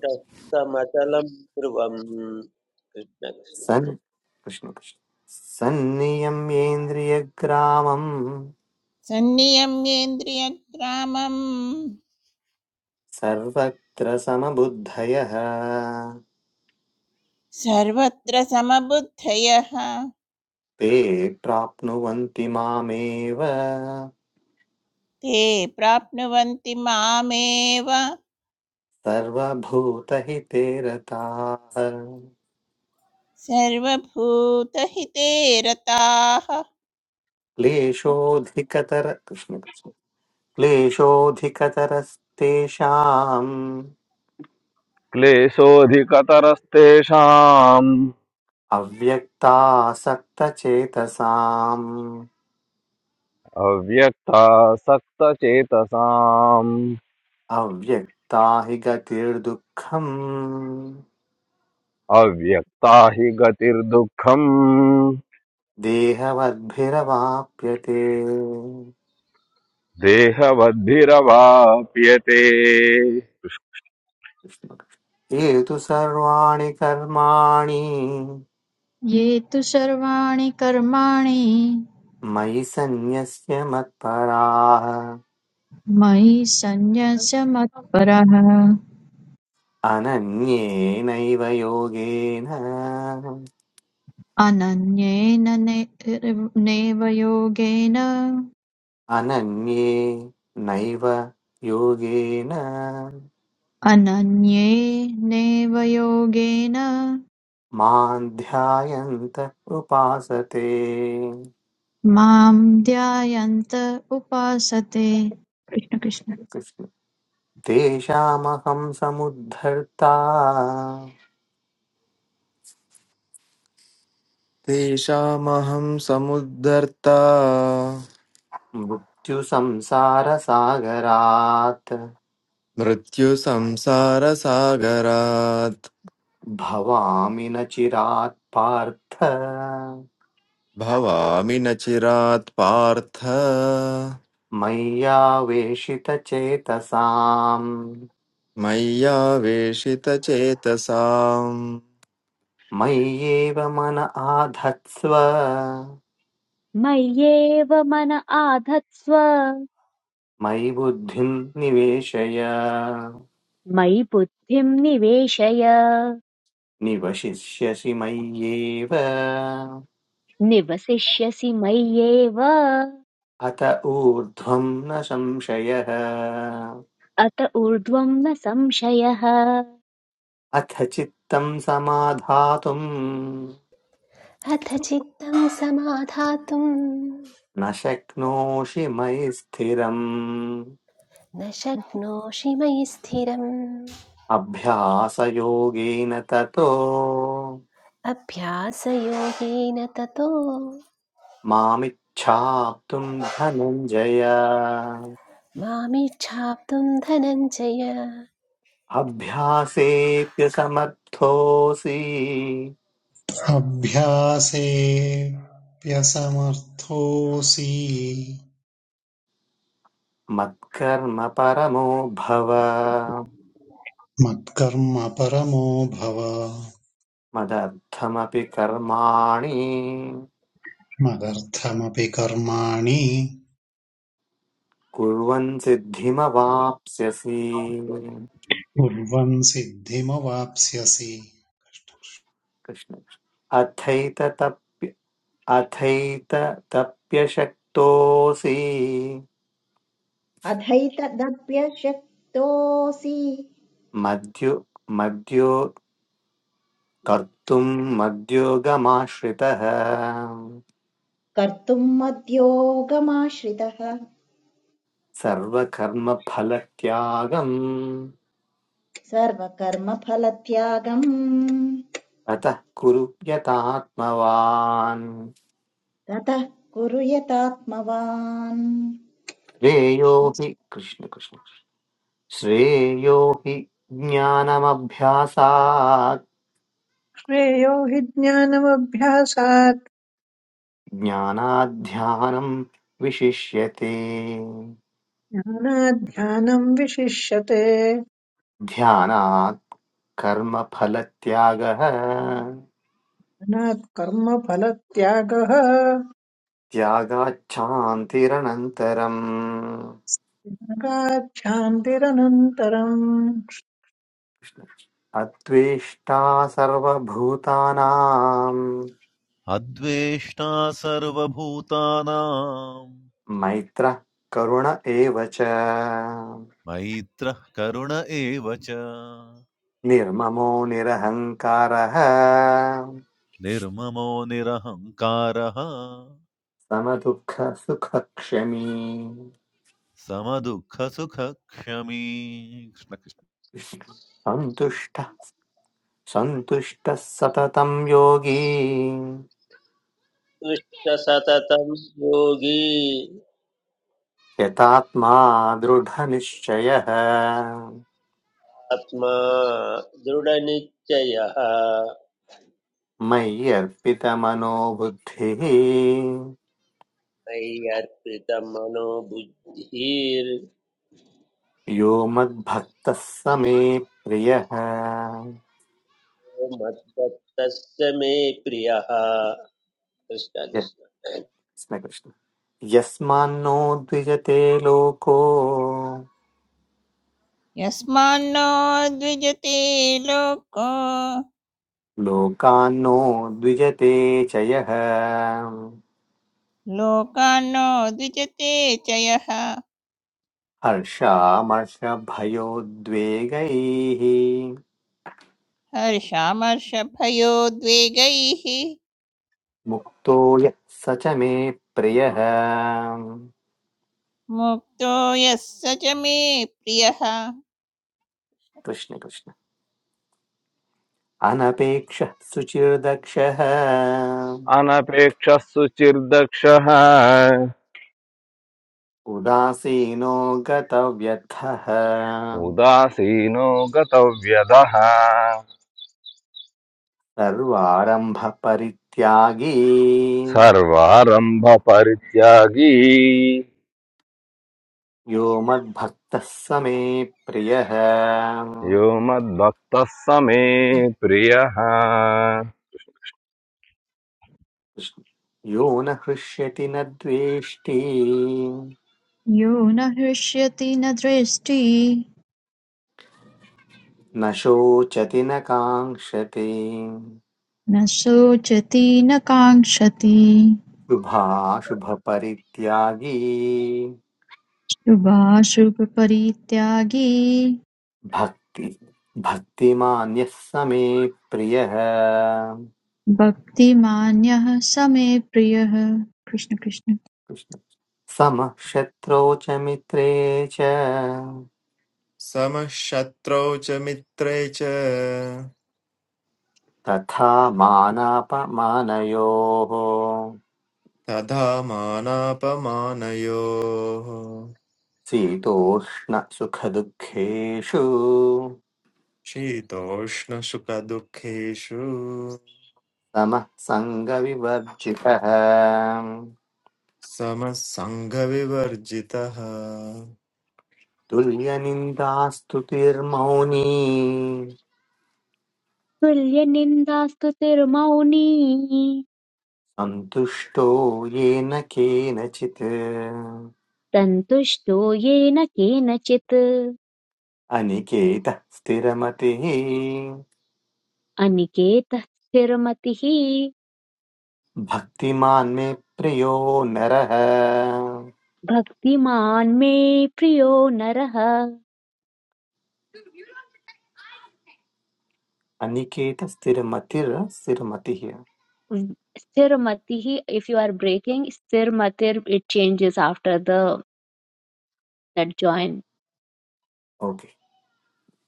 Speaker 9: कुटस्थमचलं ध्रुवम् कृष्ण कृष्ण
Speaker 11: सन् कृष्ण कृष्ण। सन्नियम्येन्द्रियग्रामम्
Speaker 10: सन्नियम्येन्द्रियग्रामं
Speaker 11: सर्वत्र समबुद्धयः
Speaker 10: सर्वत्र समबुद्धयः
Speaker 11: ते प्राप्नुवन्ति मामेव
Speaker 10: ते प्राप्नुवन्ति मामेव
Speaker 11: सर्वभूतहिते रताः
Speaker 10: सर्वभूतहिते रताः कृष्ण कृष्ण।
Speaker 11: क्लेशोऽधिकतर कृष्ण कृष्ण। क्लेशोऽधिकतरस्तेषाम्
Speaker 12: क्लेशोऽधिकतरस्तेषाम्
Speaker 11: अव्यक्तासक्तचेतसाम्
Speaker 12: अव्यक्तासक्तचेतसाम्
Speaker 11: अव्यक्ता हि गतिर्दुःखम्
Speaker 12: अव्यक्ता हि गतिर्दुःखम्
Speaker 11: देहवद्भिरवाप्यते
Speaker 12: देहवद्भिरवाप्यते
Speaker 11: ये तु सर्वाणि कर्माणि
Speaker 4: ये तु सर्वाणि कर्माणि
Speaker 11: मयि सन्न्यस्य मत्पराः
Speaker 4: मयि सन्न्यस्य मत्परः
Speaker 11: अनन्येनैव योगेन
Speaker 4: अनन्येन ने- नैव योगेन
Speaker 11: अनन्ये नैव योगेन
Speaker 4: अनन्येनैव योगेन
Speaker 11: मां ध्यायन्त उपासते
Speaker 4: मां ध्यायन्त उपासते कृष्ण कृष्ण
Speaker 11: कृष्ण। तेषामहं समुद्धर्ता
Speaker 13: Deśa maham samudharta,
Speaker 11: मृत्युसंसारसागरात्
Speaker 13: mṛtyu samśara saagara,
Speaker 11: भवामि न चिरात् पार्थ
Speaker 13: bhava aminacirat partha,
Speaker 11: मय्यावेशितचेतसाम्
Speaker 13: maya veśita ceta sam,
Speaker 11: मय्येव मन आधत्स्व
Speaker 2: मय्येव मन आधत्स्व
Speaker 11: मयि बुद्धिम् निवेशय
Speaker 2: मयि बुद्धिं निवेशय
Speaker 11: निवशिष्यसि मय्येव
Speaker 2: निवसिष्यसि मय्येव
Speaker 11: अत ऊर्ध्वम् न संशयः
Speaker 2: अत ऊर्ध्वं न संशयः
Speaker 11: अथ चित्तम् समाधातुम्
Speaker 1: अथ चित्तं समाधातुं
Speaker 11: न शक्नोषि मयि स्थिरम्
Speaker 1: न शक्नोषि मयि स्थिरम्
Speaker 11: अभ्यासयोगेन ततो
Speaker 1: अभ्यासयोगेन ततो
Speaker 11: मामिच्छाप्तुम् धनञ्जय
Speaker 1: मामिच्छाप्तुं धनञ्जय
Speaker 11: अभ्यासेऽप्यसमर्थोऽसि
Speaker 3: अभ्यासेऽप्यसमर्थोऽसि
Speaker 11: मत्कर्म परमो भव
Speaker 3: मत्कर्म परमो भव
Speaker 11: मदर्थमपि कर्माणि
Speaker 3: मदर्थमपि कर्माणि
Speaker 11: कुर्वन् सिद्धिमवाप्स्यसि
Speaker 3: कुर्वन् सिद्धिमवाप्स्यसि
Speaker 11: कृष्ण अथैतप्य अथैतप्यशक्तोऽसि
Speaker 5: अथैतदप्यशक्तोऽसि
Speaker 11: मद्यु मद्यो कर्तुम् मद्योगमाश्रितः
Speaker 5: कर्तुम् मद्योगमाश्रितः
Speaker 11: सर्वकर्मफलत्यागम्
Speaker 5: सर्वकर्मफलत्यागम्
Speaker 11: अतः कुरु यतात्मवान्
Speaker 5: ततः कुरु यतात्मवान् कृष्ण
Speaker 11: श्रेयो
Speaker 5: कृष्ण
Speaker 11: हि कृष्ण कृष्ण श्रेयो हि ज्ञानमभ्यासात्
Speaker 6: श्रेयो हि ज्ञानमभ्यासात्
Speaker 11: ज्ञानाध्यानम् विशिष्यते
Speaker 6: ध्यानात् ध्यानम् विशिष्यते
Speaker 11: ध्यानात् कर्मफलत्यागः
Speaker 6: ध्यानात् कर्मफलत्यागः
Speaker 11: त्यागाच्छान्तिरनन्तरम्
Speaker 6: त्यागात् शान्तिरनन्तरम्
Speaker 11: अत्वेष्टा सर्वभूतानां
Speaker 7: अद्वेष्टा सर्वभूतानां
Speaker 11: मैत्रः करुण एव च
Speaker 7: मैत्रः करुण एव च
Speaker 11: निर्ममो निरहङ्कारः
Speaker 7: निर्ममो निरहङ्कारः
Speaker 11: समदुःखसुखक्षमी
Speaker 7: समदुःखसुखक्षमी कृष्ण कृष्ण
Speaker 11: सन्तुष्टः सन्तुष्टः सततं योगी
Speaker 9: दुष्टसततं योगी
Speaker 11: यतात्मा दृढनिश्चयः
Speaker 9: आत्मा दृढनिश्चयः
Speaker 11: मय्यर्पितमनोबुद्धिः
Speaker 9: मय्यर्पितमनो बुद्धिर्
Speaker 11: यो मद्भक्तः स मे प्रियः
Speaker 9: मद्भक्तस्य मे प्रियः कृष्ण
Speaker 11: य-
Speaker 9: कृष्ण
Speaker 11: कृष्णकृष्ण यस्मान्नो द्विजते लोको
Speaker 10: यस्मान्नो द्विजते लोको
Speaker 11: लोकान्नो द्विजते च यः
Speaker 10: लोकान्नो द्विजते च यः
Speaker 11: हर्षामर्षभयोद्वेगैः
Speaker 10: हर्षामर्षभयोद्वेगैः
Speaker 11: मुक्तो यः स च मे प्रियः
Speaker 10: मुक्तो यः स च मे प्रियः
Speaker 11: कृष्ण कृष्ण अनपेक्षः सुचिर्दक्षः
Speaker 12: अनपेक्षः सुचिर्दक्षः
Speaker 11: उदासीनो गतव्यर्थः
Speaker 12: उदासीनो गतव्यदः
Speaker 11: सर्वारम्भपरित्यागी
Speaker 12: सर्वारम्भपरित्यागी
Speaker 11: यो मद्भक्तः स मे प्रियः
Speaker 12: योमत्वक्तस्मि प्रिया हाहा
Speaker 11: यो न हृष्यति न द्वेष्टि
Speaker 4: यो न हृष्यति न दृष्टि
Speaker 11: न शोचति न काङ्क्षति
Speaker 4: न शोचति न काङ्क्षति
Speaker 11: शुभाशुभपरित्यागी
Speaker 4: शुभाशुभपरित्यागी
Speaker 11: भक्ति भक्तिमान्यः स मे प्रियः
Speaker 4: भक्तिमान्यः समे प्रियः कृष्ण कृष्ण
Speaker 11: कृष्ण। समः शत्रौ च मित्रे च
Speaker 13: samashtro cha mitre cha
Speaker 11: तथा मानापमानयोः
Speaker 13: tadha mana pa mana yo,
Speaker 11: शीतोष्ण सुखदुःखेषु
Speaker 13: chidoshna sukha dukhe shu,
Speaker 11: समः सङ्गविवर्जितः
Speaker 13: samasanghavivar jita ha.
Speaker 11: तुल्यनिन्दास्तुतिर्मौनी
Speaker 2: तुल्यनिन्दास्तुतिर्मौनी
Speaker 11: सन्तुष्टो येन केनचित्
Speaker 2: सन्तुष्टो येन केनचित्
Speaker 11: अनिकेतः स्थिरमतिः
Speaker 2: अनिकेतः स्थिरमतिः
Speaker 11: भक्तिमान् मे प्रियो नरः
Speaker 2: भक्तिमान् मे प्रियो नरः
Speaker 11: अनिकेत स्थिरमतिर् स्थिरमतिः
Speaker 2: Sthirmatihi, if you are breaking, sthirmatir, it changes after the that join.
Speaker 11: Okay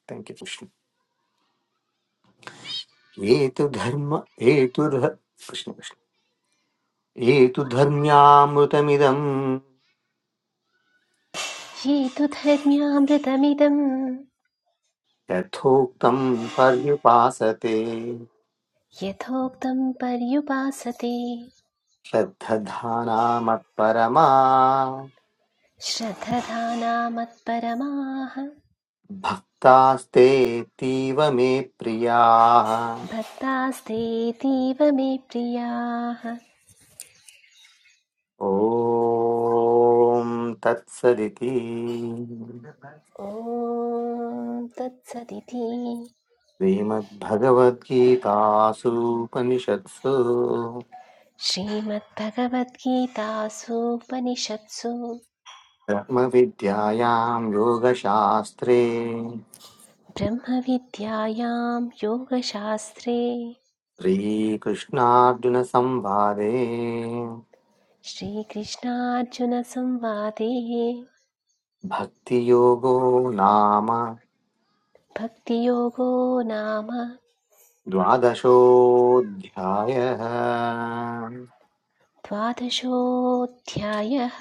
Speaker 11: thank you Krishna ये तु धर्म ये तु कृष्ण कृष्ण ये तु धर्म्यामृतमिदम्
Speaker 1: ये तु धर्म्यामृतमिदं
Speaker 11: यथोक्तम् पर्युपासते
Speaker 1: यथोक्तं पर्युपासते
Speaker 11: श्रद्धधाना मत्परमा
Speaker 1: श्रद्धधाना मत्परमाः
Speaker 11: भक्तास्तेऽतीव मे प्रियाः
Speaker 1: भक्तास्तेतीव मे प्रियाः
Speaker 11: ॐ तत्सदिति
Speaker 1: ॐ तत्सदिति
Speaker 11: श्रीमद्भगवद्गीतासूपनिषत्सु
Speaker 1: श्रीमद्भगवद्गीतासूपनिषत्सु
Speaker 11: ब्रह्मविद्यायां योगशास्त्रे
Speaker 1: ब्रह्मविद्यायां योगशास्त्रे
Speaker 11: श्रीकृष्णार्जुनसंवादे
Speaker 1: श्रीकृष्णार्जुनसंवादे
Speaker 11: भक्तियोगो नाम
Speaker 1: भक्तियोगो नाम
Speaker 11: द्वादशोऽध्यायः
Speaker 1: द्वादशोऽध्यायः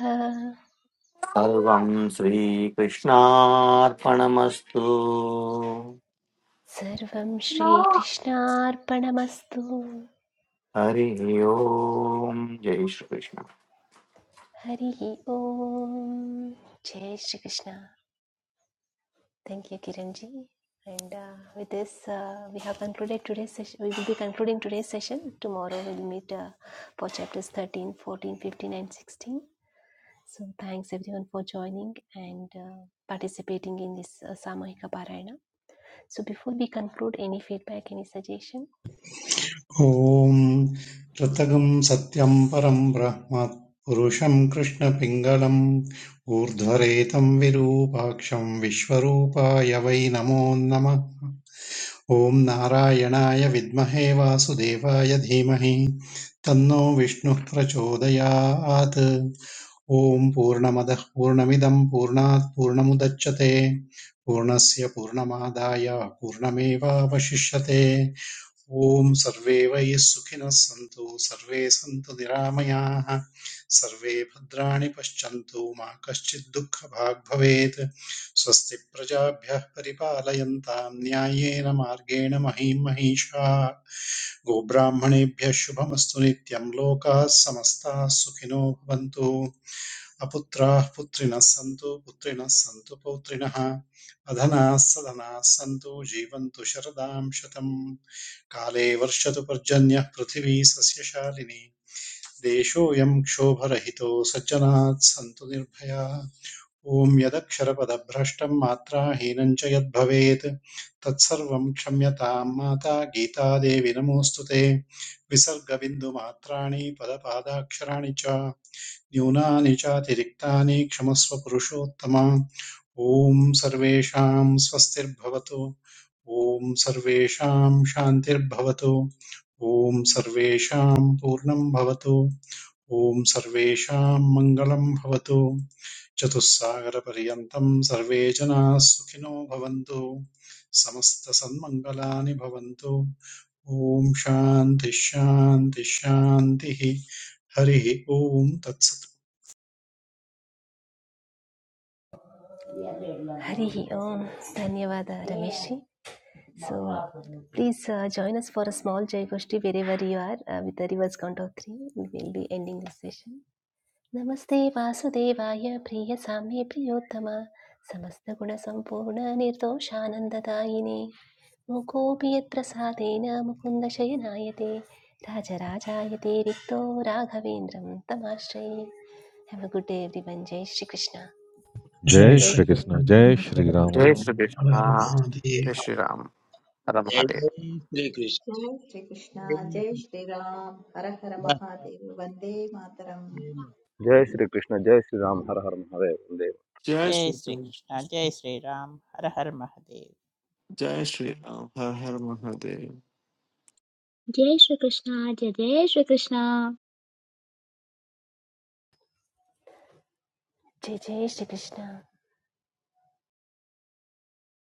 Speaker 11: सर्वं श्रीकृष्णार्पणमस्तु
Speaker 1: सर्वं श्रीकृष्णार्पणमस्तु
Speaker 11: हरिः ओम् जय Shri Krishna
Speaker 1: Hari Om. Jai Shri Krishna. Thank you, Kiranji. And uh, with this, uh, we have concluded today's session. We will be concluding today's session. Tomorrow we'll meet uh, for chapters 13, 14, 15, and 16. So thanks everyone for joining and uh, participating in this uh, Samahika Parayana. So before we conclude, any feedback, any suggestion?
Speaker 3: ॐ कृतगं सत्यं परं ब्रह्म पुरुषं कृष्णपिङ्गलम् ऊर्ध्वरेतं विरूपाक्षं विश्वरूपाय वै नमो नमः ॐ नारायणाय विद्महे वासुदेवाय धीमहि तन्नो विष्णुः प्रचोदयात् ॐ पूर्णमदः पूर्णमिदं पूर्णात् पूर्णमुदच्यते पूर्णस्य पूर्णमादाय पूर्णमेवावशिष्यते ॐ सर्वे वयः सुखिनः सन्तु सर्वे सन्तु निरामयाः सर्वे भद्राणि पश्यन्तु मा कश्चित् दुःखभाग् भवेत् स्वस्ति प्रजाभ्यः परिपालयन्तां न्याय्येन मार्गेण महीं महिषा गोब्राह्मणेभ्यः शुभमस्तु नित्यं लोकाः समस्ताः सुखिनो भवन्तु अपुत्राः पुत्रिणः सन्तु पुत्रिणः सन्तु पौत्रिणः अधनाः सधनाः सन्तु जीवन्तु शरदां शतम् काले वर्षतु पर्जन्यः पृथिवी सस्यशालिनी देशोऽयं क्षोभरहितो सज्जनात् सन्तु निर्भयाः ॐ यदक्षरपदभ्रष्टं मात्राहीनं च यद्भवेत् तत्सर्वं क्षम्यतां माता गीतादेवी नमोऽस्तु ते विसर्गबिन्दुमात्राणि पदपादाक्षराणि च न्यूनानि चातिरिक्तानि क्षमस्व पुरुषोत्तमा ॐ सर्वेषां स्वस्तिर्भवतु ॐ सर्वेषां शान्तिर्भवतु ॐ सर्वेषां पूर्णं भवतु ॐ सर्वेषां मङ्गलं भवतु चतुस्सागरपर्यन्तं सर्वे जनाः सुखिनो भवन्तु समस्तसन्मङ्गलानि भवन्तु ॐ शान्तिः शान्तिः शान्तिः हरिः ॐ तत्सत्
Speaker 1: Harihi Om. Dhanyavada Rameshi. So please uh, join us for a small Jai Goshti wherever you are uh, with the reverse count of three. We will be ending this session. Namaste Vasudevaya नमस्ते वासुदेवाय प्रिय साम्ये प्रियोत्तम समस्तगुणसम्पूर्ण निर्दोषानन्ददायिने मुकोऽपि यत्प्रसादेन Rikto राजराजायते रिक्तो Have a good day everyone. Jai Shri Krishna.
Speaker 3: Jij
Speaker 7: जय Shri
Speaker 3: schrijft
Speaker 7: Krishna
Speaker 3: hem.
Speaker 7: जय श्री
Speaker 11: जय
Speaker 7: Ram
Speaker 11: Shri Krishna
Speaker 3: Alarabia die.
Speaker 11: जय श्रीराम हर
Speaker 9: जय
Speaker 11: महादेव
Speaker 9: श्रीकृष्ण
Speaker 5: जय श्रीकृष्ण जय श्रीराम हर हर महादेव वन्दे मातरम्
Speaker 12: जय श्री कृष्णा जय श्री राम हर हर महारेवंदे
Speaker 10: जय श्रीकृष्ण जय श्रीराम हर हर Mahadev
Speaker 13: Jai Sri Ram, Har Har Mahadev.
Speaker 2: Jai Shri Krishna, Jai Jai Shri Krishna.
Speaker 1: Jai Jai Shri Krishna.